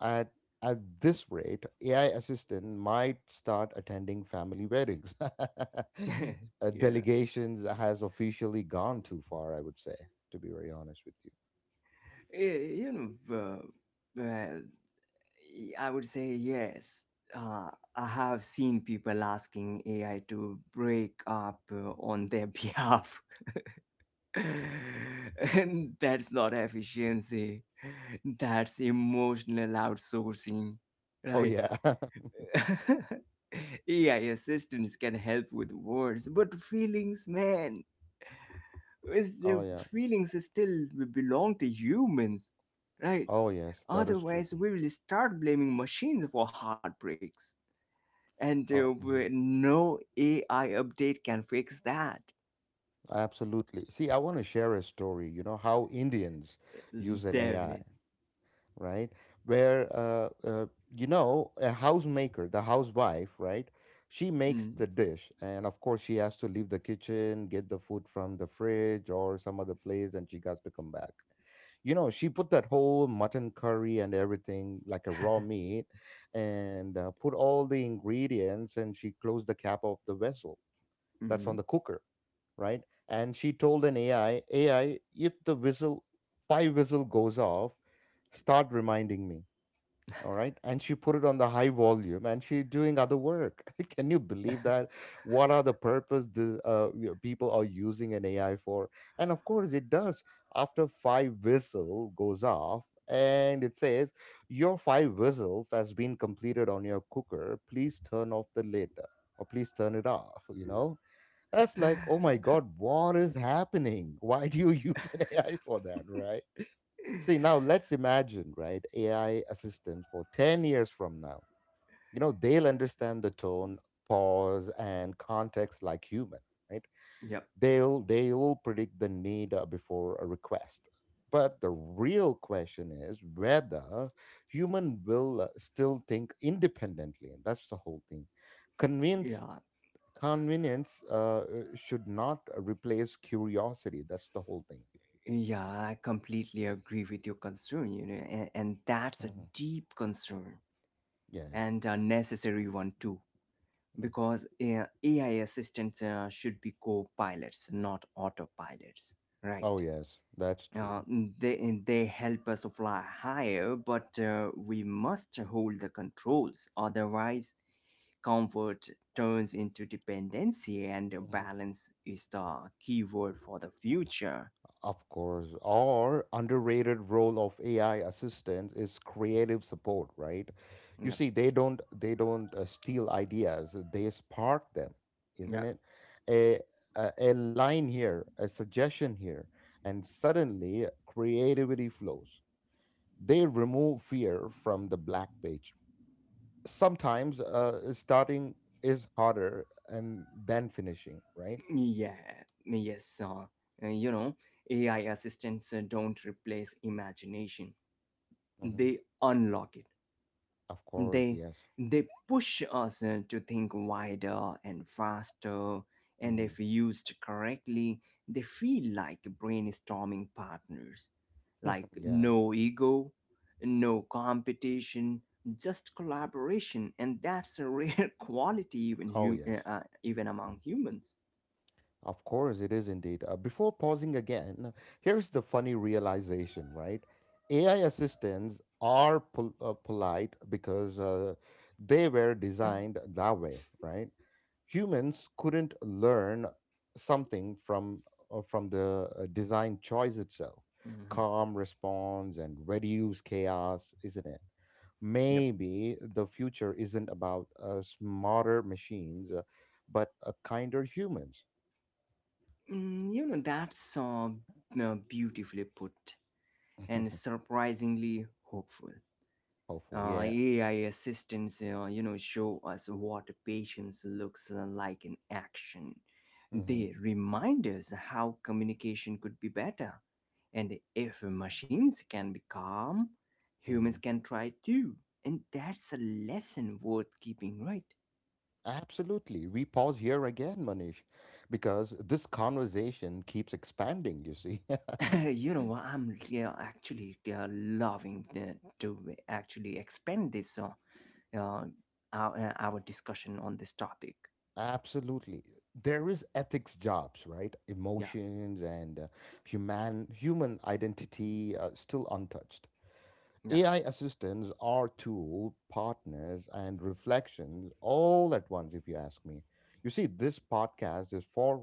[SPEAKER 1] At at this rate, A I assistant might start attending family weddings. <laughs>
[SPEAKER 2] <laughs>
[SPEAKER 1] Uh,
[SPEAKER 2] Yeah.
[SPEAKER 1] Delegations has officially gone too far, I would say, to be very honest with you.
[SPEAKER 2] Eh, you know uh, uh, I would say yes. Uh, I have seen people asking A I to break up uh, on their <laughs> behalf. And that's not efficiency. That's emotional outsourcing,
[SPEAKER 1] Oh
[SPEAKER 2] right?
[SPEAKER 1] yeah. <laughs>
[SPEAKER 2] <laughs> A I assistants can help with words, but feelings, man, is
[SPEAKER 1] Oh
[SPEAKER 2] the
[SPEAKER 1] yeah.
[SPEAKER 2] feelings still belong to humans, right?
[SPEAKER 1] Oh yes, that is true.
[SPEAKER 2] Otherwise, we will start blaming machines for heartbreaks, and
[SPEAKER 1] Oh.
[SPEAKER 2] uh,
[SPEAKER 1] Mm-hmm.
[SPEAKER 2] w- no A I update can fix that.
[SPEAKER 1] Absolutely. See, I want to share a story, you know, how Indians use an A I,
[SPEAKER 2] Definitely.
[SPEAKER 1] right? Where, uh, uh, you know, a housemaker, the housewife, right? She makes
[SPEAKER 2] Mm,
[SPEAKER 1] the dish. And of course, she has to leave the kitchen, get the food from the fridge or some other place, and she has to come back. You know, she put that whole mutton curry and everything, like a raw meat, and uh, put all the ingredients, and she closed the cap of the vessel that's on the
[SPEAKER 2] mhm.
[SPEAKER 1] cooker, right? And she told an A I, A I, if the whistle, five whistle goes off, start reminding me. All right. And she put it on the high volume and she doing other work. <laughs> Can you believe that? What are the purpose the uh, you know, people are using an A I for? And of course it does. After five whistle goes off and it says, your five whistles has been completed on your cooker. Please turn off the lid or please turn it off, you know? That's like, oh my
[SPEAKER 2] <laughs>
[SPEAKER 1] God, what is happening? <laughs> Why do you <laughs> use an A I for that, right? See, now let's imagine, right, A I assistants for ten years from now. You know, they'll understand the tone, pause, and context like human, right?
[SPEAKER 2] Yep.
[SPEAKER 1] They'll they will predict the need uh, before a request. But the real question is whether human will uh, still think independently, and that's the whole thing. Convince
[SPEAKER 2] Yeah.
[SPEAKER 1] Convenience uh, uh, should not replace curiosity. That's the whole thing.
[SPEAKER 2] Yeah, I completely agree with your concern, you know, and, and that's a
[SPEAKER 1] Hmm.
[SPEAKER 2] deep concern
[SPEAKER 1] Yeah.
[SPEAKER 2] and a necessary one too,
[SPEAKER 1] Mhm.
[SPEAKER 2] because uh, A I assistants uh, should be co pilots, not autopilots, right?
[SPEAKER 1] Oh, yes, that's
[SPEAKER 2] Uh,
[SPEAKER 1] true.
[SPEAKER 2] they they help us fly higher, but uh, we must hold the controls. Otherwise, comfort turns into dependency, and
[SPEAKER 1] Hmm.
[SPEAKER 2] balance is the key word for the future.
[SPEAKER 1] Of course. Or underrated role of A I assistants is creative support, right? You
[SPEAKER 2] Yep.
[SPEAKER 1] see, they don't they don't uh, steal ideas; they spark them, isn't
[SPEAKER 2] Yeah.
[SPEAKER 1] it? A, a a line here, a suggestion here, and suddenly creativity flows. They remove fear from the black page, sometimes uh, starting is harder and than finishing, right?
[SPEAKER 2] Yeah. Yes. Uh, you know, A I assistants uh, don't replace imagination;
[SPEAKER 1] Hmm.
[SPEAKER 2] they unlock it.
[SPEAKER 1] Of
[SPEAKER 2] they
[SPEAKER 1] course, yes.
[SPEAKER 2] they push us uh, to think wider and faster, and
[SPEAKER 1] Hmm.
[SPEAKER 2] if used correctly, they feel like brainstorming partners, like
[SPEAKER 1] <laughs> Yeah.
[SPEAKER 2] no ego, no competition, just collaboration. And that's a rare <laughs> quality even
[SPEAKER 1] Oh,
[SPEAKER 2] hum-
[SPEAKER 1] yes.
[SPEAKER 2] uh, uh, even among humans.
[SPEAKER 1] Of course, it is indeed. Uh, before pausing again, here's the funny realization, right? A I assistants are pol- uh, polite because uh, they were designed that way, right? Humans couldn't learn something from uh, from the uh, design choice itself.
[SPEAKER 2] Mhm.
[SPEAKER 1] Calm response and reduce chaos, isn't it?
[SPEAKER 2] Yep.
[SPEAKER 1] Maybe the future isn't about uh, smarter machines, uh, but uh, kinder humans.
[SPEAKER 2] Mm, you know, that's uh, uh, beautifully put and
[SPEAKER 1] <laughs>
[SPEAKER 2] surprisingly hopeful.
[SPEAKER 1] Hopeful,
[SPEAKER 2] uh,
[SPEAKER 1] yeah.
[SPEAKER 2] A I assistants, uh, you know, show us what patience looks like in action.
[SPEAKER 1] Hmm.
[SPEAKER 2] They remind us how communication could be better. And if machines can be calm,
[SPEAKER 1] Hmm.
[SPEAKER 2] humans can try too. And that's a lesson worth keeping, right?
[SPEAKER 1] Absolutely. We pause here again, Manish, because this conversation keeps expanding, you see. <laughs>
[SPEAKER 2] <laughs> You know what, I'm, yeah, actually uh, loving the, to actually expand this, uh, uh, our, uh, our discussion on this topic.
[SPEAKER 1] Absolutely. There is ethics jobs, right?
[SPEAKER 2] Yeah,
[SPEAKER 1] Emotions and uh, human human identity uh, still untouched.
[SPEAKER 2] yeah.
[SPEAKER 1] A I assistants are tool, partners, and reflections all at once, if you ask me. You see, this podcast is far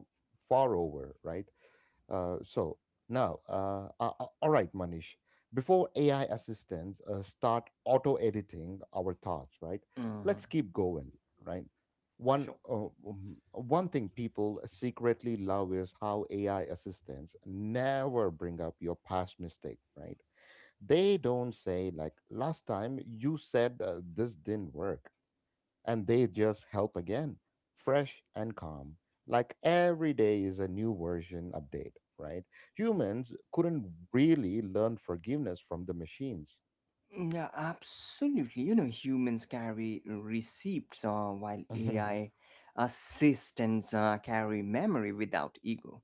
[SPEAKER 1] far over, right? Uh, so now, uh, uh, uh, all right, Manish. Before A I assistants uh, start auto editing our thoughts, right?
[SPEAKER 2] Hmm.
[SPEAKER 1] Let's keep going, right? One
[SPEAKER 2] Sure.
[SPEAKER 1] uh, um, one thing people secretly love is how A I assistants never bring up your past mistake, right? They don't say like last time you said uh, this didn't work and they just help again, fresh and calm. Like every day is a new version update, right? Humans couldn't really learn forgiveness from the machines.
[SPEAKER 2] Yeah, absolutely. You know, humans carry receipts uh, while
[SPEAKER 1] <laughs>
[SPEAKER 2] A I
[SPEAKER 1] Of
[SPEAKER 2] assistants uh, carry memory without ego.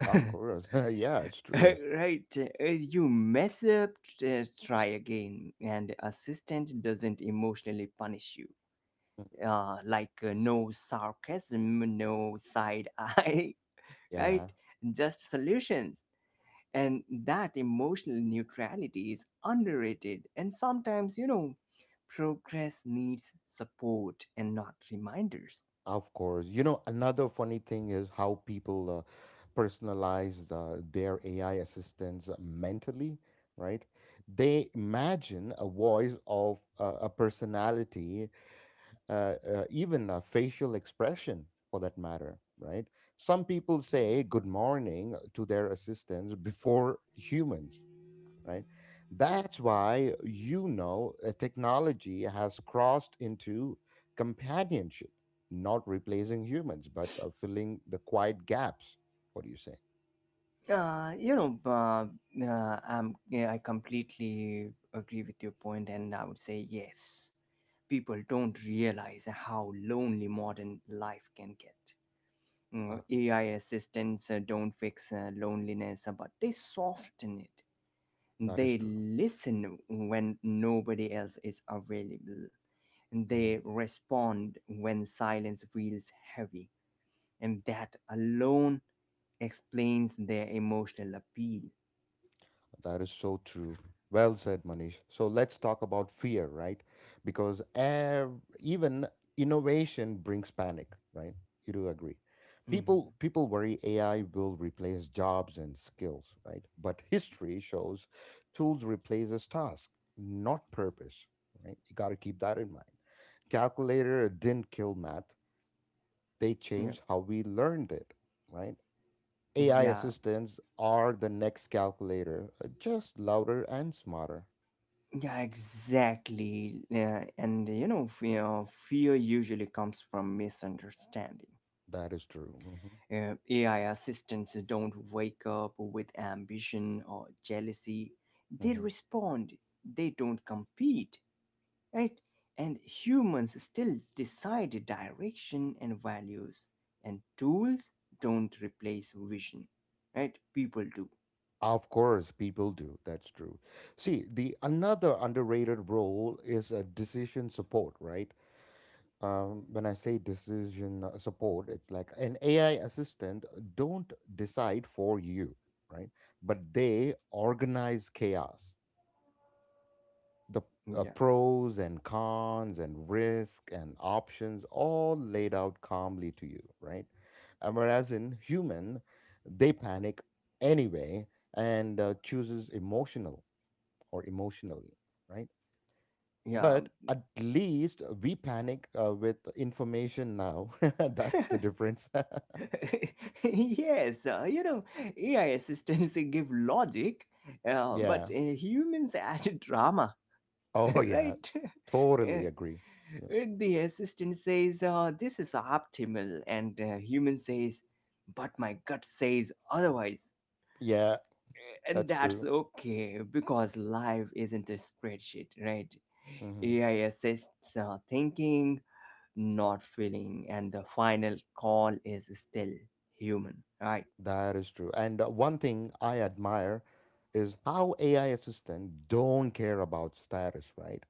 [SPEAKER 2] <laughs>
[SPEAKER 1] course. <laughs> Yeah, it's true.
[SPEAKER 2] Right. uh, You mess up, just try again, and assistant doesn't emotionally punish you. Uh, like, uh, no sarcasm, no side eye, <laughs>
[SPEAKER 1] Yeah,
[SPEAKER 2] right? Just solutions. And that emotional neutrality is underrated. And sometimes, you know, progress needs support and not reminders.
[SPEAKER 1] of course. You know, another funny thing is how people uh, personalize uh, their A I assistants mentally, right? They imagine a voice of uh, a personality uh, uh, even a facial expression for that matter, right? Some people say good morning uh, to their assistants before humans, right? That's why you know uh, technology has crossed into companionship, not replacing humans, but uh, filling the quiet gaps. What do you say?
[SPEAKER 2] Uh, you know, uh, uh, I'm, yeah, I completely agree with your point, and I would say yes. People don't realize how lonely modern life can get. Mm,
[SPEAKER 1] Uh-huh.
[SPEAKER 2] A I assistants uh, don't fix uh, loneliness, uh, but they soften it.
[SPEAKER 1] Is
[SPEAKER 2] They
[SPEAKER 1] true.
[SPEAKER 2] listen when nobody else is available. They respond when silence feels heavy. And that alone explains their emotional appeal.
[SPEAKER 1] That is so true. Well said, Manish. So let's talk about fear, right? Because ev- even innovation brings panic, right? You do agree.
[SPEAKER 2] Mm-hmm.
[SPEAKER 1] People people worry A I will replace jobs and skills, right? But history shows tools replaces task, not purpose, right? You got to keep that in mind. Calculator didn't kill math. They
[SPEAKER 2] Yeah.
[SPEAKER 1] changed how we learned it, right? A I
[SPEAKER 2] yeah,
[SPEAKER 1] assistants are the next calculator, uh, just louder and smarter.
[SPEAKER 2] yeah, exactly. Yeah, and you know, fear, fear usually comes from misunderstanding.
[SPEAKER 1] That is true. Hmm.
[SPEAKER 2] Uh, A I assistants don't wake up with ambition or jealousy. They
[SPEAKER 1] Hmm.
[SPEAKER 2] respond, they don't compete, right? And humans still decide direction and values, and tools don't replace vision, right? People do.
[SPEAKER 1] Of course, people do. That's true. See, the another underrated role is a decision support, right? Um, when I say decision uh, support, it's like an A I assistant uh, don't decide for you, right? But they organize chaos, the uh,
[SPEAKER 2] Yeah.
[SPEAKER 1] pros and cons and risk and options all laid out calmly to you, right? And whereas in human, they panic anyway and uh, chooses emotional or emotionally, right?
[SPEAKER 2] Yeah.
[SPEAKER 1] But at least we panic uh, with information now. <laughs> That's the difference.
[SPEAKER 2] <laughs> Yes, uh, you know, A I assistants give logic,
[SPEAKER 1] <laughs>
[SPEAKER 2] uh,
[SPEAKER 1] Yeah.
[SPEAKER 2] but uh, humans add drama. <laughs>
[SPEAKER 1] Oh yeah.
[SPEAKER 2] Right? <laughs>
[SPEAKER 1] Totally agree. Yeah.
[SPEAKER 2] When the assistant says, uh, this is optimal, and uh, human says, but my gut says otherwise.
[SPEAKER 1] Yeah,
[SPEAKER 2] And
[SPEAKER 1] that's
[SPEAKER 2] that's
[SPEAKER 1] true.
[SPEAKER 2] okay because life isn't a spreadsheet, right?
[SPEAKER 1] Hmm.
[SPEAKER 2] A I assists uh, thinking, not feeling, and the final call is still human, right?
[SPEAKER 1] That is true. And uh, one thing I admire is how A I assistant don't care about status, right?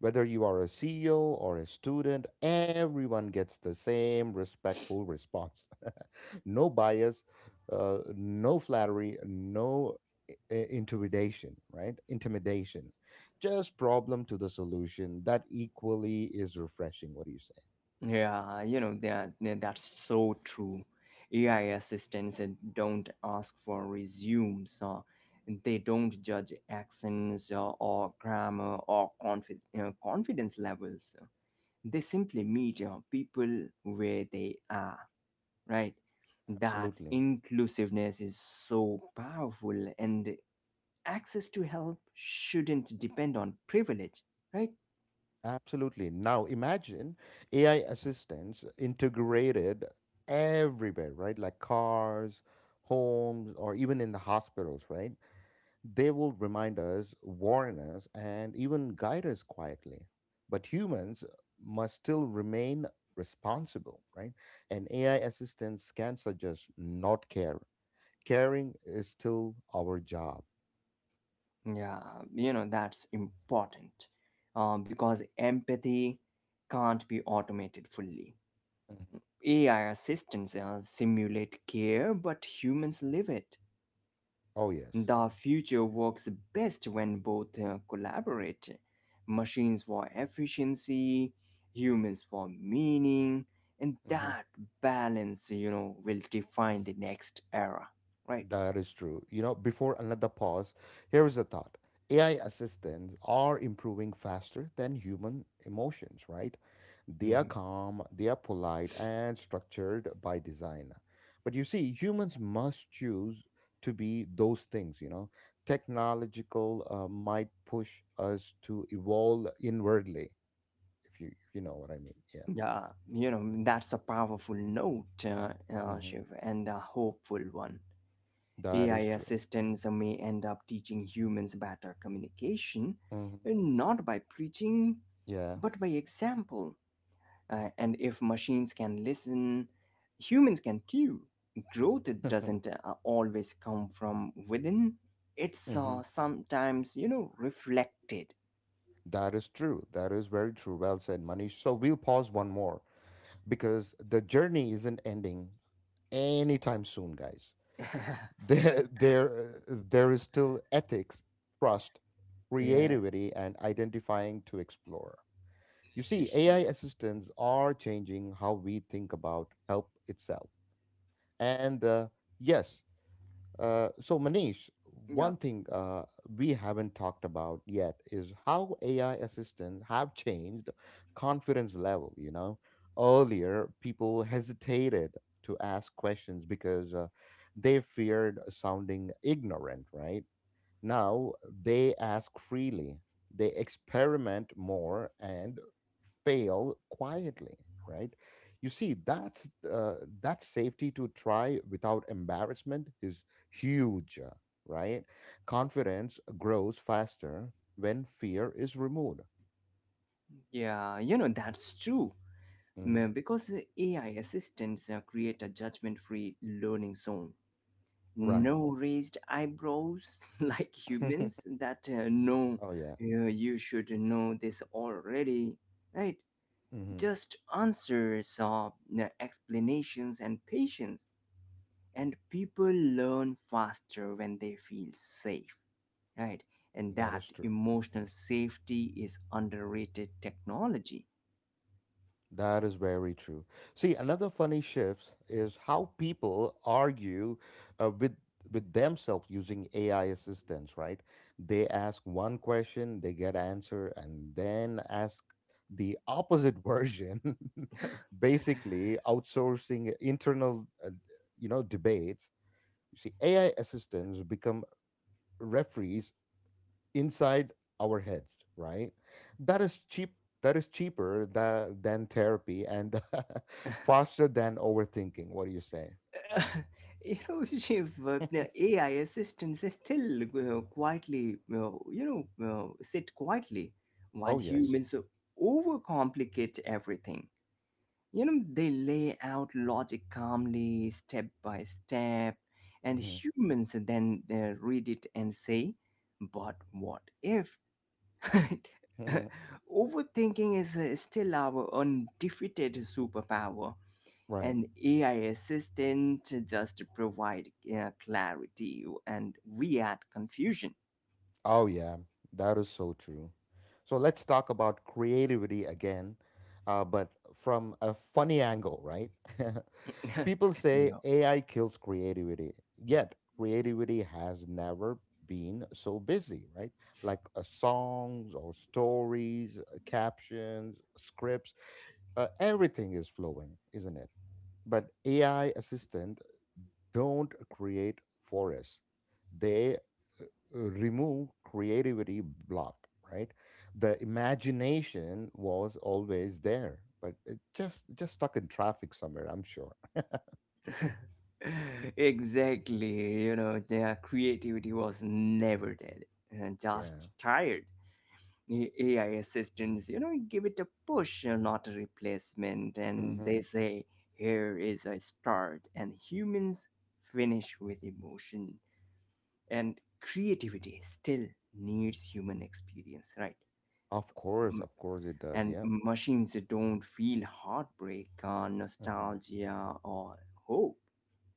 [SPEAKER 1] Whether you are a C E O or a student, everyone gets the same respectful response. <laughs> No bias, uh, no flattery, no i- i- intimidation, right? Intimidation. Just problem to the solution. That equally is refreshing. What do you say?
[SPEAKER 2] Yeah, you know that yeah, that's so true. A I assistants uh, don't ask for resumes. Uh, they don't judge accents uh, or grammar or confi- uh, confidence levels. They simply meet uh, people where they are, right? That
[SPEAKER 1] Absolutely.
[SPEAKER 2] inclusiveness is so powerful, and access to help shouldn't depend on privilege, right?
[SPEAKER 1] Absolutely. Now imagine A I assistants integrated everywhere, right? Like cars, homes, or even in the hospitals, right? They will remind us, warn us, and even guide us quietly. But humans must still remain responsible, right? And A I assistants can suggest not care. Caring is still our job.
[SPEAKER 2] Yeah, you know, that's important uh, because empathy can't be automated fully.
[SPEAKER 1] Mhm.
[SPEAKER 2] A I assistants uh, simulate care, but humans live it.
[SPEAKER 1] Oh, yes.
[SPEAKER 2] The future works best when both uh, collaborate. Machines for efficiency, humans for meaning, and that balance, you know, will define the next era, right?
[SPEAKER 1] That is true. You know, before another pause, here is a thought. A I assistants are improving faster than human emotions, right? They are
[SPEAKER 2] Hmm.
[SPEAKER 1] calm, they are polite, and structured by design. But you see, humans must choose to be those things, you know. Technological uh, might push us to evolve inwardly, if you if you know what I mean. Yeah.
[SPEAKER 2] Yeah, you know, that's a powerful note, uh, uh,
[SPEAKER 1] Hmm.
[SPEAKER 2] Shiv, and a hopeful one.
[SPEAKER 1] That
[SPEAKER 2] A I
[SPEAKER 1] is true.
[SPEAKER 2] assistants may end up teaching humans better communication,
[SPEAKER 1] Hmm.
[SPEAKER 2] uh, not by preaching,
[SPEAKER 1] Yeah.
[SPEAKER 2] but by example. Uh, and if machines can listen, humans can too. Growth doesn't uh, always come from within, it's uh,
[SPEAKER 1] <laughs>
[SPEAKER 2] sometimes, you know, reflected.
[SPEAKER 1] That is true. That is very true. Well said, Manish. So we'll pause one more because the journey isn't ending anytime soon, guys. <laughs>
[SPEAKER 2] <laughs> yeah,
[SPEAKER 1] There, there, uh, there is still ethics, trust, creativity, and identifying to explore. You see, A I
[SPEAKER 2] yeah,
[SPEAKER 1] assistants are changing how we think about help itself. And uh, yes, uh, so, Manish,
[SPEAKER 2] yeah,
[SPEAKER 1] one thing uh, we haven't talked about yet is how A I assistants have changed confidence level. You know, earlier people hesitated to ask questions because uh, they feared sounding ignorant, right? Now they ask freely, they experiment more and fail quietly, right? You see, that's uh, that safety to try without embarrassment is huge, uh, right? Confidence grows faster when fear is removed.
[SPEAKER 2] yeah, you know, that's true.
[SPEAKER 1] Mhm.
[SPEAKER 2] Mm, because uh, A I assistants uh, create a judgment free learning zone.
[SPEAKER 1] Right.
[SPEAKER 2] No raised eyebrows <laughs> like humans
[SPEAKER 1] <laughs>
[SPEAKER 2] that uh, know
[SPEAKER 1] Oh yeah.
[SPEAKER 2] uh, you should know this already, right?
[SPEAKER 1] Hmm.
[SPEAKER 2] Just answers or uh, explanations and patience, and people learn faster when they feel safe, right? And
[SPEAKER 1] That is
[SPEAKER 2] that
[SPEAKER 1] true.
[SPEAKER 2] emotional safety is underrated technology.
[SPEAKER 1] That is very true. See, another funny shift is how people argue uh, with with themselves using A I assistants, right? They ask one question, they get answer, and then ask the opposite version, <laughs> basically outsourcing internal, uh, you know, debates. You see, A I assistants become referees inside our heads, right? That is cheap. That is cheaper tha- than therapy and <laughs> faster than overthinking. What do you say?
[SPEAKER 2] Uh, <laughs> you know, Shiv, uh, the AI assistants are still uh, quietly uh, you know uh, sit quietly while
[SPEAKER 1] Oh yes.
[SPEAKER 2] humans overcomplicate everything. You know, they lay out logic calmly, step by step, and
[SPEAKER 1] hmm
[SPEAKER 2] humans then uh, read it and say, but what if? <laughs>
[SPEAKER 1] hmm
[SPEAKER 2] Overthinking is uh, still our undefeated superpower,
[SPEAKER 1] <laughs> Right.
[SPEAKER 2] and AI assistant just provide uh, clarity, and we add confusion.
[SPEAKER 1] Oh yeah. That is so true. So let's talk about creativity again, uh, but from a funny angle, right? <laughs> People
[SPEAKER 2] <laughs>
[SPEAKER 1] say
[SPEAKER 2] Yeah,
[SPEAKER 1] A I kills creativity, yet creativity has never been so busy, right? Like uh, songs or stories, uh, captions, scripts, uh, everything is flowing, isn't it? But A I assistant don't create for us. They uh, remove creativity block, right? The imagination was always there, but it just just stuck in traffic somewhere, I'm sure.
[SPEAKER 2] exactly. You know, their creativity was never dead, and
[SPEAKER 1] <laughs>
[SPEAKER 2] just
[SPEAKER 1] Yeah.
[SPEAKER 2] tired. A I assistants, you know, give it a push, uh, not a replacement. And they say, here is a start. And humans finish with emotion. And creativity still needs human experience, right?
[SPEAKER 1] Of course,
[SPEAKER 2] M-
[SPEAKER 1] of course it does.
[SPEAKER 2] And
[SPEAKER 1] Yeah.
[SPEAKER 2] machines don't feel heartbreak or
[SPEAKER 1] hmm
[SPEAKER 2] nostalgia or hope,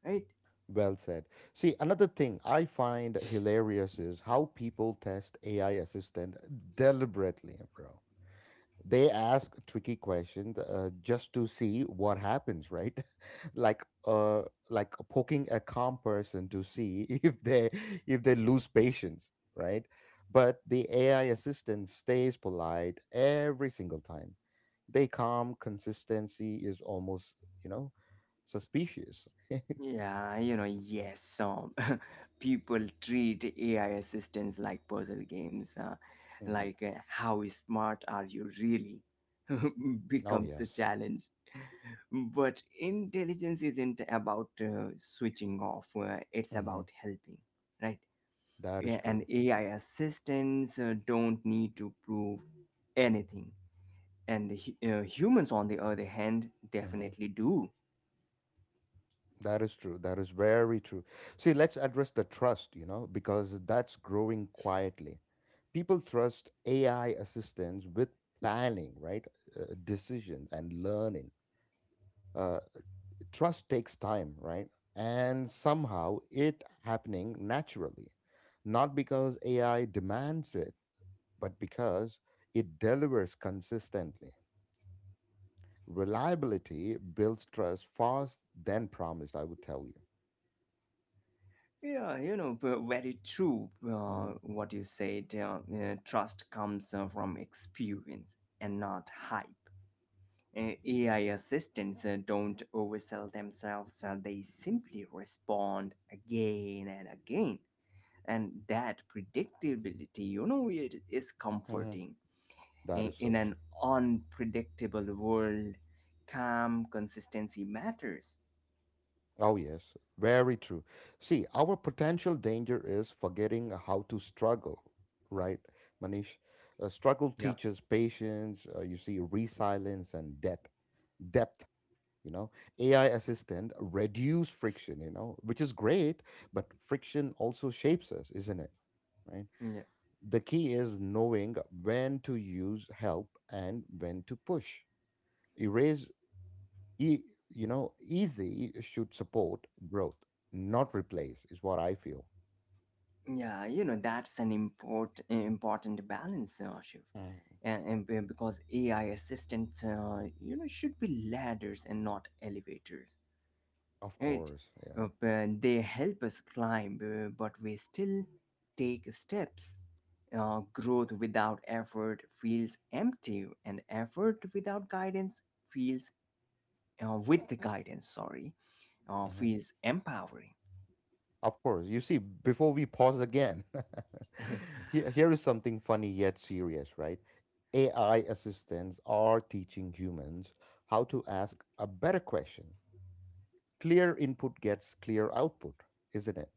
[SPEAKER 2] right?
[SPEAKER 1] Well said. See, another thing I find hilarious is how people test A I assistant deliberately, bro. They ask tricky questions uh, just to see what happens, right? <laughs> like uh like poking a calm person to see <laughs> if they if they lose patience, right? But the AI assistant stays polite every single time. They calm consistency is almost, you know suspicious.
[SPEAKER 2] Yeah, you know, yes, some <laughs> people treat A I assistants like puzzle games. Uh,
[SPEAKER 1] hmm
[SPEAKER 2] like, uh, how smart are you really? <laughs>
[SPEAKER 1] oh
[SPEAKER 2] becomes the
[SPEAKER 1] yes.
[SPEAKER 2] challenge. But intelligence isn't about uh, switching off, uh, it's
[SPEAKER 1] hmm
[SPEAKER 2] about helping, right?
[SPEAKER 1] that is
[SPEAKER 2] Yeah, and
[SPEAKER 1] true.
[SPEAKER 2] A I assistants uh, don't need to prove anything. And hu- uh, humans, on the other hand,
[SPEAKER 1] hmm
[SPEAKER 2] definitely do.
[SPEAKER 1] That is true. That is very true. See, let's address the trust, you know, because that's growing quietly. People trust A I assistance with planning, right? Uh, decisions and learning. Uh, Trust takes time, right? And somehow it happening naturally, not because A I demands it, but because it delivers consistently. Reliability builds trust fast than promised, I would tell you.
[SPEAKER 2] Yeah, you know, v- very true uh,
[SPEAKER 1] Mhm,
[SPEAKER 2] what you said. Uh, uh, trust comes uh, from experience and not hype.
[SPEAKER 1] mhm,
[SPEAKER 2] Uh, A I assistants uh, don't oversell themselves, uh, they simply respond again and again. And that predictability, you know, it is
[SPEAKER 1] mhm.
[SPEAKER 2] comforting.
[SPEAKER 1] That
[SPEAKER 2] I-
[SPEAKER 1] is
[SPEAKER 2] In
[SPEAKER 1] so true.
[SPEAKER 2] an unpredictable world, calm consistency matters.
[SPEAKER 1] Oh, yes, very true. See, our potential danger is forgetting how to struggle, right, Manish? Uh, struggle
[SPEAKER 2] Yeah.
[SPEAKER 1] teaches patience, uh, you see, resilience and depth. Depth, you know, A I assistant reduce friction, you know, which is great, but friction also shapes us, isn't it? Right?
[SPEAKER 2] Yeah.
[SPEAKER 1] The key is knowing when to use help and when to push. Erase E, you know, easy should support growth, not replace, is what I feel.
[SPEAKER 2] Yeah, you know, that's an import, eh, important balance, uh, Shiv.
[SPEAKER 1] Mm,
[SPEAKER 2] And, and be- because A I assistants, uh, you know, should be ladders and not elevators,
[SPEAKER 1] of
[SPEAKER 2] right?
[SPEAKER 1] course, yeah.
[SPEAKER 2] Uh, but They help us climb, uh, but we still take steps. Uh, growth without effort feels empty, and effort without guidance feels, uh, with the guidance, sorry, uh,
[SPEAKER 1] Mhm.
[SPEAKER 2] feels empowering.
[SPEAKER 1] Of course. You see, before we pause again, <laughs>
[SPEAKER 2] <laughs>
[SPEAKER 1] here, here is something funny yet serious, right? A I assistants are teaching humans how to ask a better question. Clear input gets clear output, isn't it?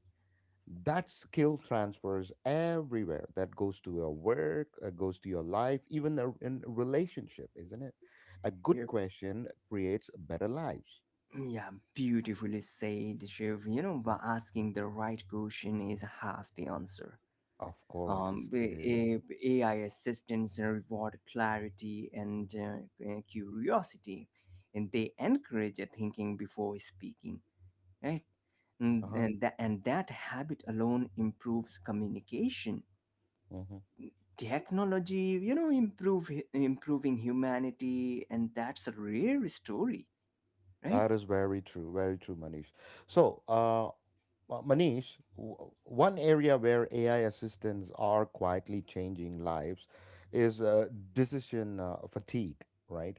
[SPEAKER 1] That skill transfers everywhere. That goes to your work, uh, goes to your life, even a, in a relationship, isn't it? A good
[SPEAKER 2] Yep.
[SPEAKER 1] question creates better lives.
[SPEAKER 2] Yeah, beautifully said, Shiv. You know,
[SPEAKER 1] Mhm.
[SPEAKER 2] by asking the right question is half the answer.
[SPEAKER 1] Of course
[SPEAKER 2] Um,
[SPEAKER 1] it's, it
[SPEAKER 2] b-
[SPEAKER 1] is.
[SPEAKER 2] a- AI assistants reward clarity and uh, uh, curiosity, and they encourage thinking before speaking, right? And,
[SPEAKER 1] Uh-huh.
[SPEAKER 2] and, that, and that habit alone improves communication.
[SPEAKER 1] Mhm.
[SPEAKER 2] Technology, you know, improve improving humanity, and that's a rare story, right?
[SPEAKER 1] That is very true, very true, Manish. So, uh, Ma- Manish, w- one area where A I assistants are quietly changing lives is uh, decision uh, fatigue, right?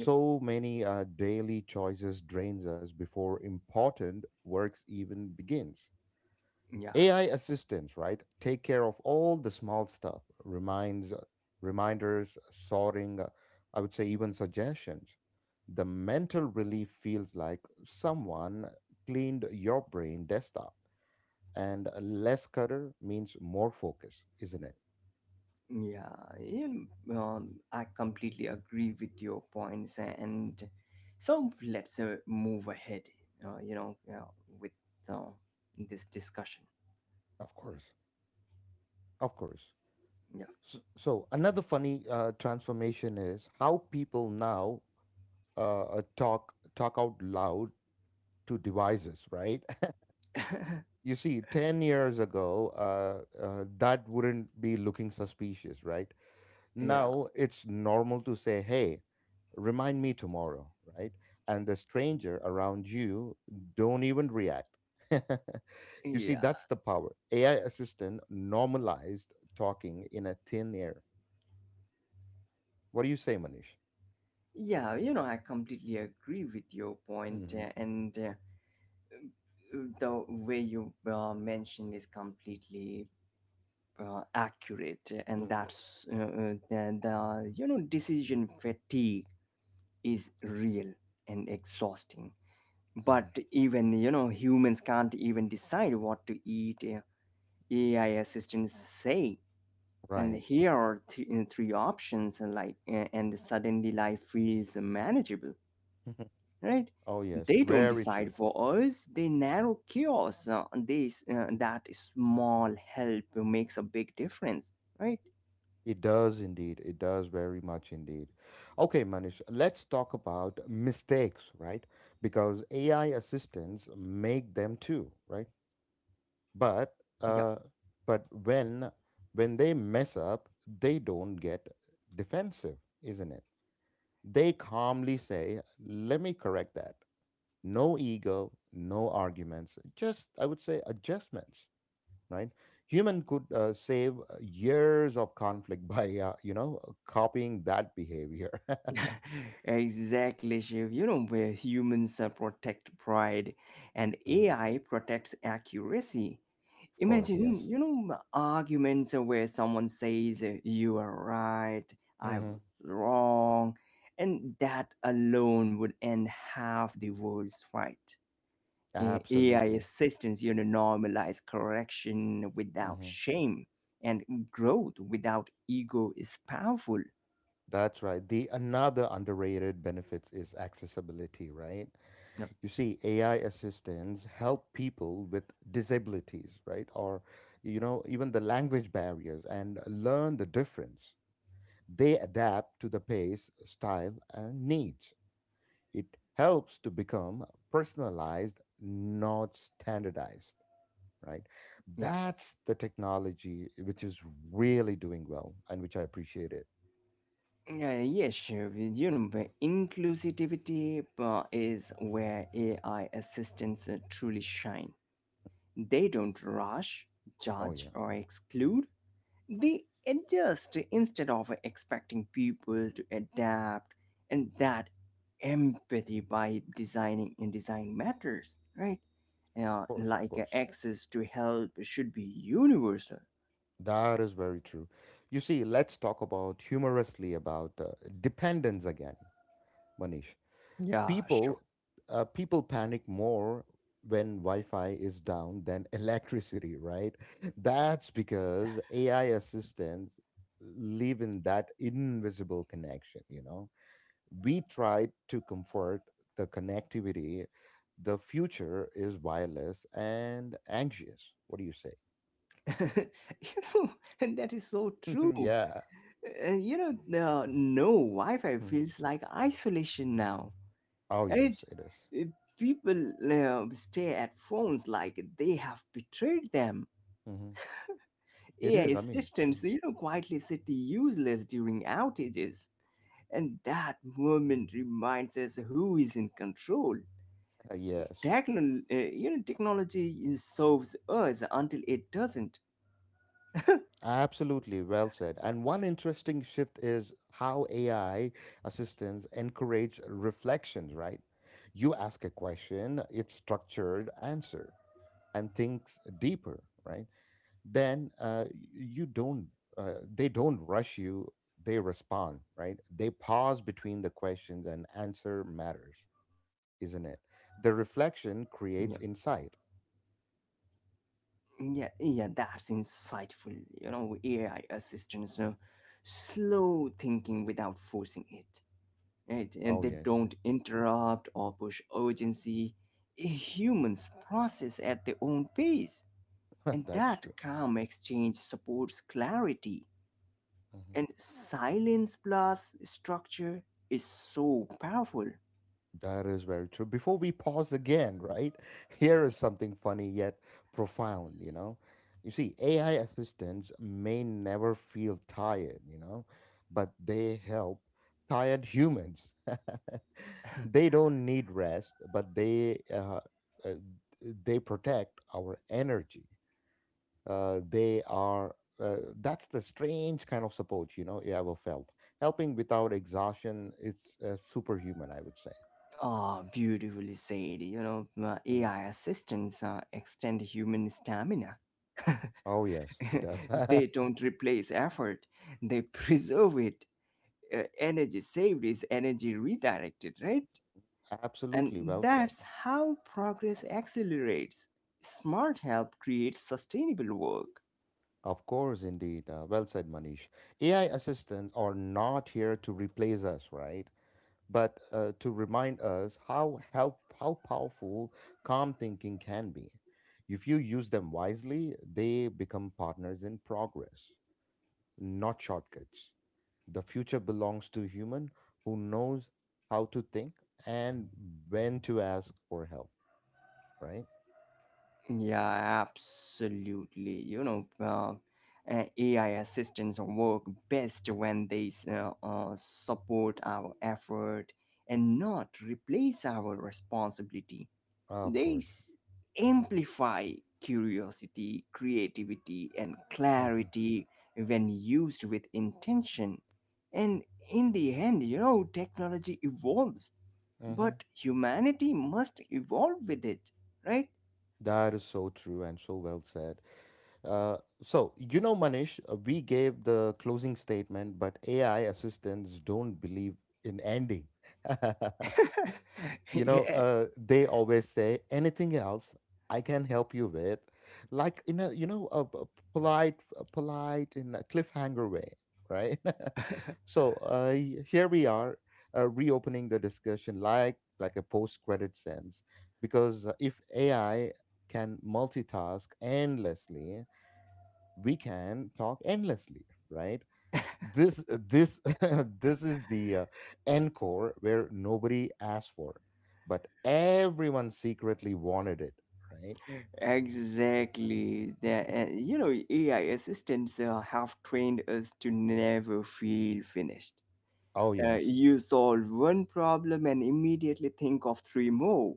[SPEAKER 2] Yep.
[SPEAKER 1] many uh, daily choices drains us before important works even begins.
[SPEAKER 2] Yeah.
[SPEAKER 1] A I assistants, right, take care of all the small stuff, reminds, reminders, sorting, uh, I would say even suggestions. The mental relief feels like someone cleaned your brain desktop. And less clutter means more focus, isn't it?
[SPEAKER 2] yeah in- um, I completely agree with your points, and so let's uh, move ahead, uh, you know uh, with uh, this discussion.
[SPEAKER 1] Of course. Of course.
[SPEAKER 2] Yeah.
[SPEAKER 1] So, so another funny uh, transformation is how people now uh, uh, talk talk out loud to devices, right?
[SPEAKER 2] <laughs>
[SPEAKER 1] You see, ten years ago, uh, uh, that wouldn't be looking suspicious, right?
[SPEAKER 2] Yeah.
[SPEAKER 1] Now it's normal to say, "Hey, remind me tomorrow," right? And the stranger around you don't even react. <laughs> You see,
[SPEAKER 2] yeah
[SPEAKER 1] that's the power AI assistant normalized talking in a thin air. What do you say, Manish?
[SPEAKER 2] yeah you know, I completely agree with your point,
[SPEAKER 1] Mm-hmm.
[SPEAKER 2] uh, and uh, the way you uh, mentioned is completely uh, accurate, and that's uh, uh, the, the you know, decision fatigue is real and exhausting.
[SPEAKER 1] Mm-hmm.
[SPEAKER 2] But even, you know, humans can't even decide what to eat. uh, AI assistants say, and
[SPEAKER 1] Right.
[SPEAKER 2] here are th- uh, three options, and like, uh, and suddenly life feels manageable, right?
[SPEAKER 1] <laughs> Oh yes,
[SPEAKER 2] They don't
[SPEAKER 1] very true.
[SPEAKER 2] decide for us, they narrow chaos. Uh, this uh, That small help makes a big difference, right?
[SPEAKER 1] It does indeed. It does very much indeed. Okay, Manish, let's talk about mistakes, right? Because A I assistants make them too, right? But
[SPEAKER 2] Yeah.
[SPEAKER 1] uh, but when when they mess up, they don't get defensive, isn't it? They calmly say, "Let me correct that." No ego, no arguments. Just I would say adjustments, right? Human could uh, save uh, years of conflict <laughs> by uh, you know uh, copying that behavior. <laughs>
[SPEAKER 2] <laughs> Exactly, Shiv. You know, where humans uh, protect pride and
[SPEAKER 1] Mhm.
[SPEAKER 2] A I protects accuracy.
[SPEAKER 1] Of course,
[SPEAKER 2] Imagine,
[SPEAKER 1] yes.
[SPEAKER 2] you know, arguments where someone says, uh, you are right, I
[SPEAKER 1] hmm
[SPEAKER 2] was wrong, and that alone would end half the world's fight. A- AI
[SPEAKER 1] Absolutely.
[SPEAKER 2] assistance, you know, normalize correction without
[SPEAKER 1] hmm
[SPEAKER 2] shame, and growth without ego is powerful.
[SPEAKER 1] that's right. The another underrated benefits is accessibility, right?
[SPEAKER 2] Yep.
[SPEAKER 1] You see, AI assistants help people with disabilities, right, or, you know, even the language barriers and learn the difference. They adapt to the pace, style and needs. It helps to become personalized, not standardized, right? That's the technology which is really doing well and which I appreciate it.
[SPEAKER 2] Yeah, yes, sure. You know, but inclusivity uh, is where A I assistants uh, truly shine. They don't rush,
[SPEAKER 1] Oh, yeah,
[SPEAKER 2] judge,
[SPEAKER 1] of
[SPEAKER 2] or exclude. They adjust instead of expecting people to adapt, and that empathy by designing and design matters, right? Yeah,
[SPEAKER 1] course, of
[SPEAKER 2] like uh,
[SPEAKER 1] course.
[SPEAKER 2] access to help should be universal.
[SPEAKER 1] That is very true. You see, let's talk about humorously about uh, dependence again, Manish.
[SPEAKER 2] Yeah, sure.
[SPEAKER 1] people uh, People panic more when wi-fi is down than <laughs> electricity, right? That's because AI assistants live in that invisible connection, you know. We tried to comfort the connectivity. The future is wireless and anxious. What do you say?
[SPEAKER 2] <laughs> You know, and that is so true.
[SPEAKER 1] <laughs> Yeah.
[SPEAKER 2] Uh, you know, uh, no Wi-Fi
[SPEAKER 1] Mhm.
[SPEAKER 2] feels like isolation now.
[SPEAKER 1] Oh
[SPEAKER 2] Right?
[SPEAKER 1] yes, it is.
[SPEAKER 2] Uh, People uh, stay at phones like they have betrayed them.
[SPEAKER 1] Mhm. it
[SPEAKER 2] A I
[SPEAKER 1] is I mean Mhm.
[SPEAKER 2] assistants, you know, quietly sit useless during outages, and that moment reminds us who is in control.
[SPEAKER 1] Uh, yes.
[SPEAKER 2] Techno- uh, you know, technology serves us until it doesn't.
[SPEAKER 1] Absolutely, well said. And one interesting shift is how A I assistants encourage reflections, right? You ask a question, it's structured answer and thinks deeper, right? Then uh, you don't, uh, They don't rush you, they respond, right? They pause between the questions and answer matters, isn't it? The reflection creates insight.
[SPEAKER 2] Yeah, yeah, that's insightful. You know, A I assistants uh, slow thinking without forcing it, right? And they
[SPEAKER 1] Oh,
[SPEAKER 2] don't
[SPEAKER 1] yes,
[SPEAKER 2] interrupt or push urgency. Humans process at their own pace, and
[SPEAKER 1] <laughs> that's
[SPEAKER 2] that
[SPEAKER 1] true.
[SPEAKER 2] calm exchange supports clarity.
[SPEAKER 1] Mm-hmm.
[SPEAKER 2] And silence plus structure is so powerful.
[SPEAKER 1] That is very true. Before we pause again, right? Here is something funny yet profound, you know? You see, A I assistants may never feel tired, you know, but they help tired humans. <laughs> They don't need rest, but they uh, uh, they protect our energy. Uh, they are uh, That's the strange kind of support, you know, you ever felt. Helping without exhaustion, it's uh, superhuman, I would say.
[SPEAKER 2] Ah, beautifully said. You know, uh,
[SPEAKER 1] Hmm.
[SPEAKER 2] A I assistants uh, extend human stamina.
[SPEAKER 1] Oh, yes, it does.
[SPEAKER 2] <laughs> They
[SPEAKER 1] <laughs>
[SPEAKER 2] don't replace effort, they <laughs> preserve it. Uh, energy saved is energy redirected, right? And
[SPEAKER 1] Absolutely well said.
[SPEAKER 2] that's how progress accelerates. Smart help creates sustainable work.
[SPEAKER 1] Of course, indeed. Uh, well said, Manish. A I assistants are not here to replace us, right? But uh, to remind us how help, how powerful calm thinking can be. If you use them wisely, they become partners in progress, not shortcuts. The future belongs to human who knows how to think and when to ask for help, right?
[SPEAKER 2] Yeah, absolutely. You know, uh, uh, AI assistants work best when they s- uh, uh, support our effort and not replace our responsibility.
[SPEAKER 1] Of
[SPEAKER 2] They
[SPEAKER 1] course.
[SPEAKER 2] s- Amplify curiosity, creativity, and clarity when used with intention. And in the end, you know, technology evolves,
[SPEAKER 1] hmm
[SPEAKER 2] but humanity must evolve with it, right?
[SPEAKER 1] That is so true and so well said. Uh, so, you know, Manish, uh, we gave the closing statement, but A I assistants don't believe in ending. <laughs> You
[SPEAKER 2] <laughs>
[SPEAKER 1] know,
[SPEAKER 2] Yeah,
[SPEAKER 1] uh, they always say, "Anything else I can help you with?" Like in a, you know, a, a polite, a polite in a cliffhanger way, right? <laughs> So, uh, y- here we are, uh, reopening the discussion like, like a post credit sense, because uh, if AI can multitask endlessly, we can talk endlessly, right? this uh, this <laughs> this is the, uh, encore where nobody asked for it, but everyone secretly wanted it, right?
[SPEAKER 2] exactly. The uh,
[SPEAKER 1] <laughs>
[SPEAKER 2] You know, A I assistants uh, have trained us to never feel finished.
[SPEAKER 1] Oh
[SPEAKER 2] Uh,
[SPEAKER 1] yes,
[SPEAKER 2] you solve one problem and immediately think of three more.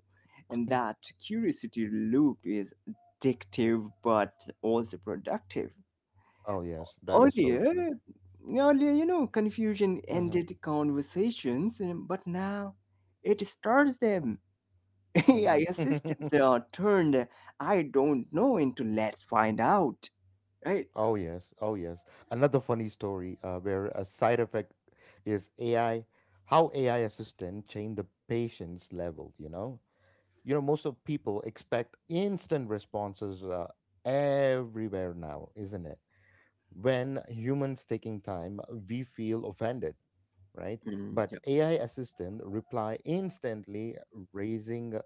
[SPEAKER 2] And that curiosity loop is addictive but also productive.
[SPEAKER 1] oh yes, that is so true.
[SPEAKER 2] Earlier, Earlier, you know, confusion
[SPEAKER 1] hmm
[SPEAKER 2] ended conversations, um, but now it starts them. <laughs> A I
[SPEAKER 1] hmm
[SPEAKER 2] assistants are turned I don't know into let's find out, right?
[SPEAKER 1] <laughs> oh yes, oh yes. Another funny story, uh, where a side effect is AI, how AI assistant change the patient's level, you know. You know, most of people expect instant responses uh, everywhere now, isn't it? When humans taking time, we feel offended, right?
[SPEAKER 2] Mm,
[SPEAKER 1] But
[SPEAKER 2] yeah.
[SPEAKER 1] A I assistant reply instantly, raising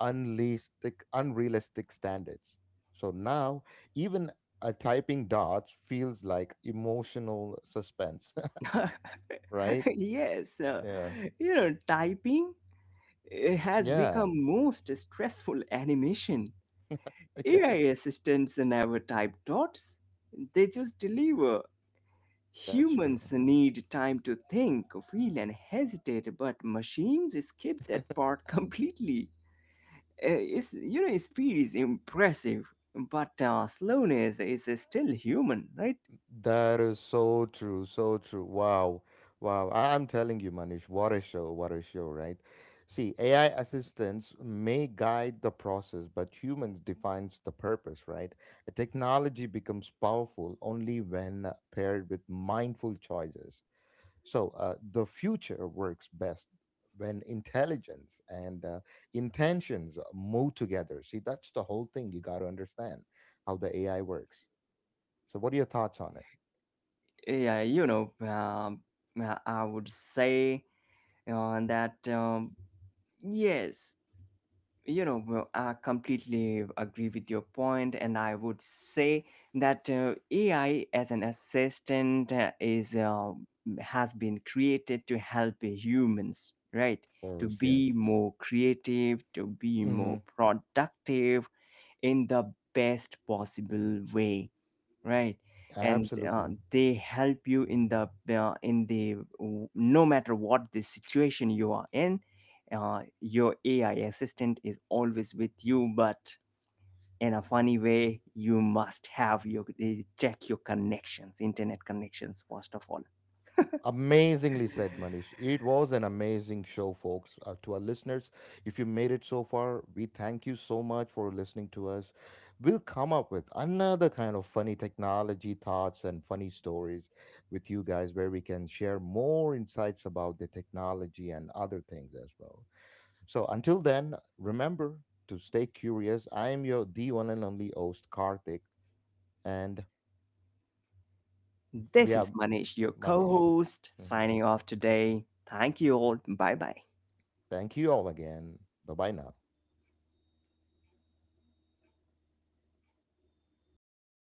[SPEAKER 1] unrealistic, unrealistic standards. So now even a typing dodge feels like emotional suspense, <laughs> right?
[SPEAKER 2] <laughs> Yes, uh,
[SPEAKER 1] Yeah,
[SPEAKER 2] you know, typing, eh, has
[SPEAKER 1] yeah,
[SPEAKER 2] become most stressful <laughs> animation.
[SPEAKER 1] <laughs>
[SPEAKER 2] A I
[SPEAKER 1] yeah.
[SPEAKER 2] assistants never type thoughts, they just deliver.
[SPEAKER 1] That's true.
[SPEAKER 2] Humans need time to think, feel, and hesitate, but machines skip that
[SPEAKER 1] <laughs>
[SPEAKER 2] part <laughs> completely. Eh, It's, you know, speed is impressive, but uh, slowness is still human, right?
[SPEAKER 1] That is so true, so true. Wow, wow. I- I'm telling you, Manish, what a show, what a show, right? See, A I assistants may guide the process, but humans defines the purpose, right? A technology becomes powerful only when paired with mindful choices. So, uh, the future works best when intelligence and uh, intentions move together. See, that's the whole thing you got to understand how the A I works. So, what are your thoughts on it?
[SPEAKER 2] Yeah, you know, um, I I would say uh, that um, yes, you know, well, I completely agree with your point, and I would say that uh, AI as an assistant uh, is uh, has been created to help humans, right? To
[SPEAKER 1] Course, yes.
[SPEAKER 2] be more creative, to be
[SPEAKER 1] hmm
[SPEAKER 2] more productive in the best possible way, right? And uh,
[SPEAKER 1] Absolutely.
[SPEAKER 2] they help you in the, uh, in the no matter what the situation you are in, uh, your AI assistant is always with you. But in a funny way, you must have your eh, check your connections, internet connections first of all.
[SPEAKER 1] Amazingly said, Manish. It was an amazing show, folks. Uh, to our listeners, if you made it so far, we thank you so much for listening to us. We'll come up with another kind of funny technology thoughts and funny stories with you guys where we can share more insights about the technology and other things as well. So until then, remember to stay curious. I am your the one and only host, Karthik, and we
[SPEAKER 2] This
[SPEAKER 1] have
[SPEAKER 2] is Manish, your
[SPEAKER 1] Manish.
[SPEAKER 2] co-host,
[SPEAKER 1] Mhm.
[SPEAKER 2] signing off today. Thank you all. Bye bye.
[SPEAKER 1] Thank you all again. Bye bye now.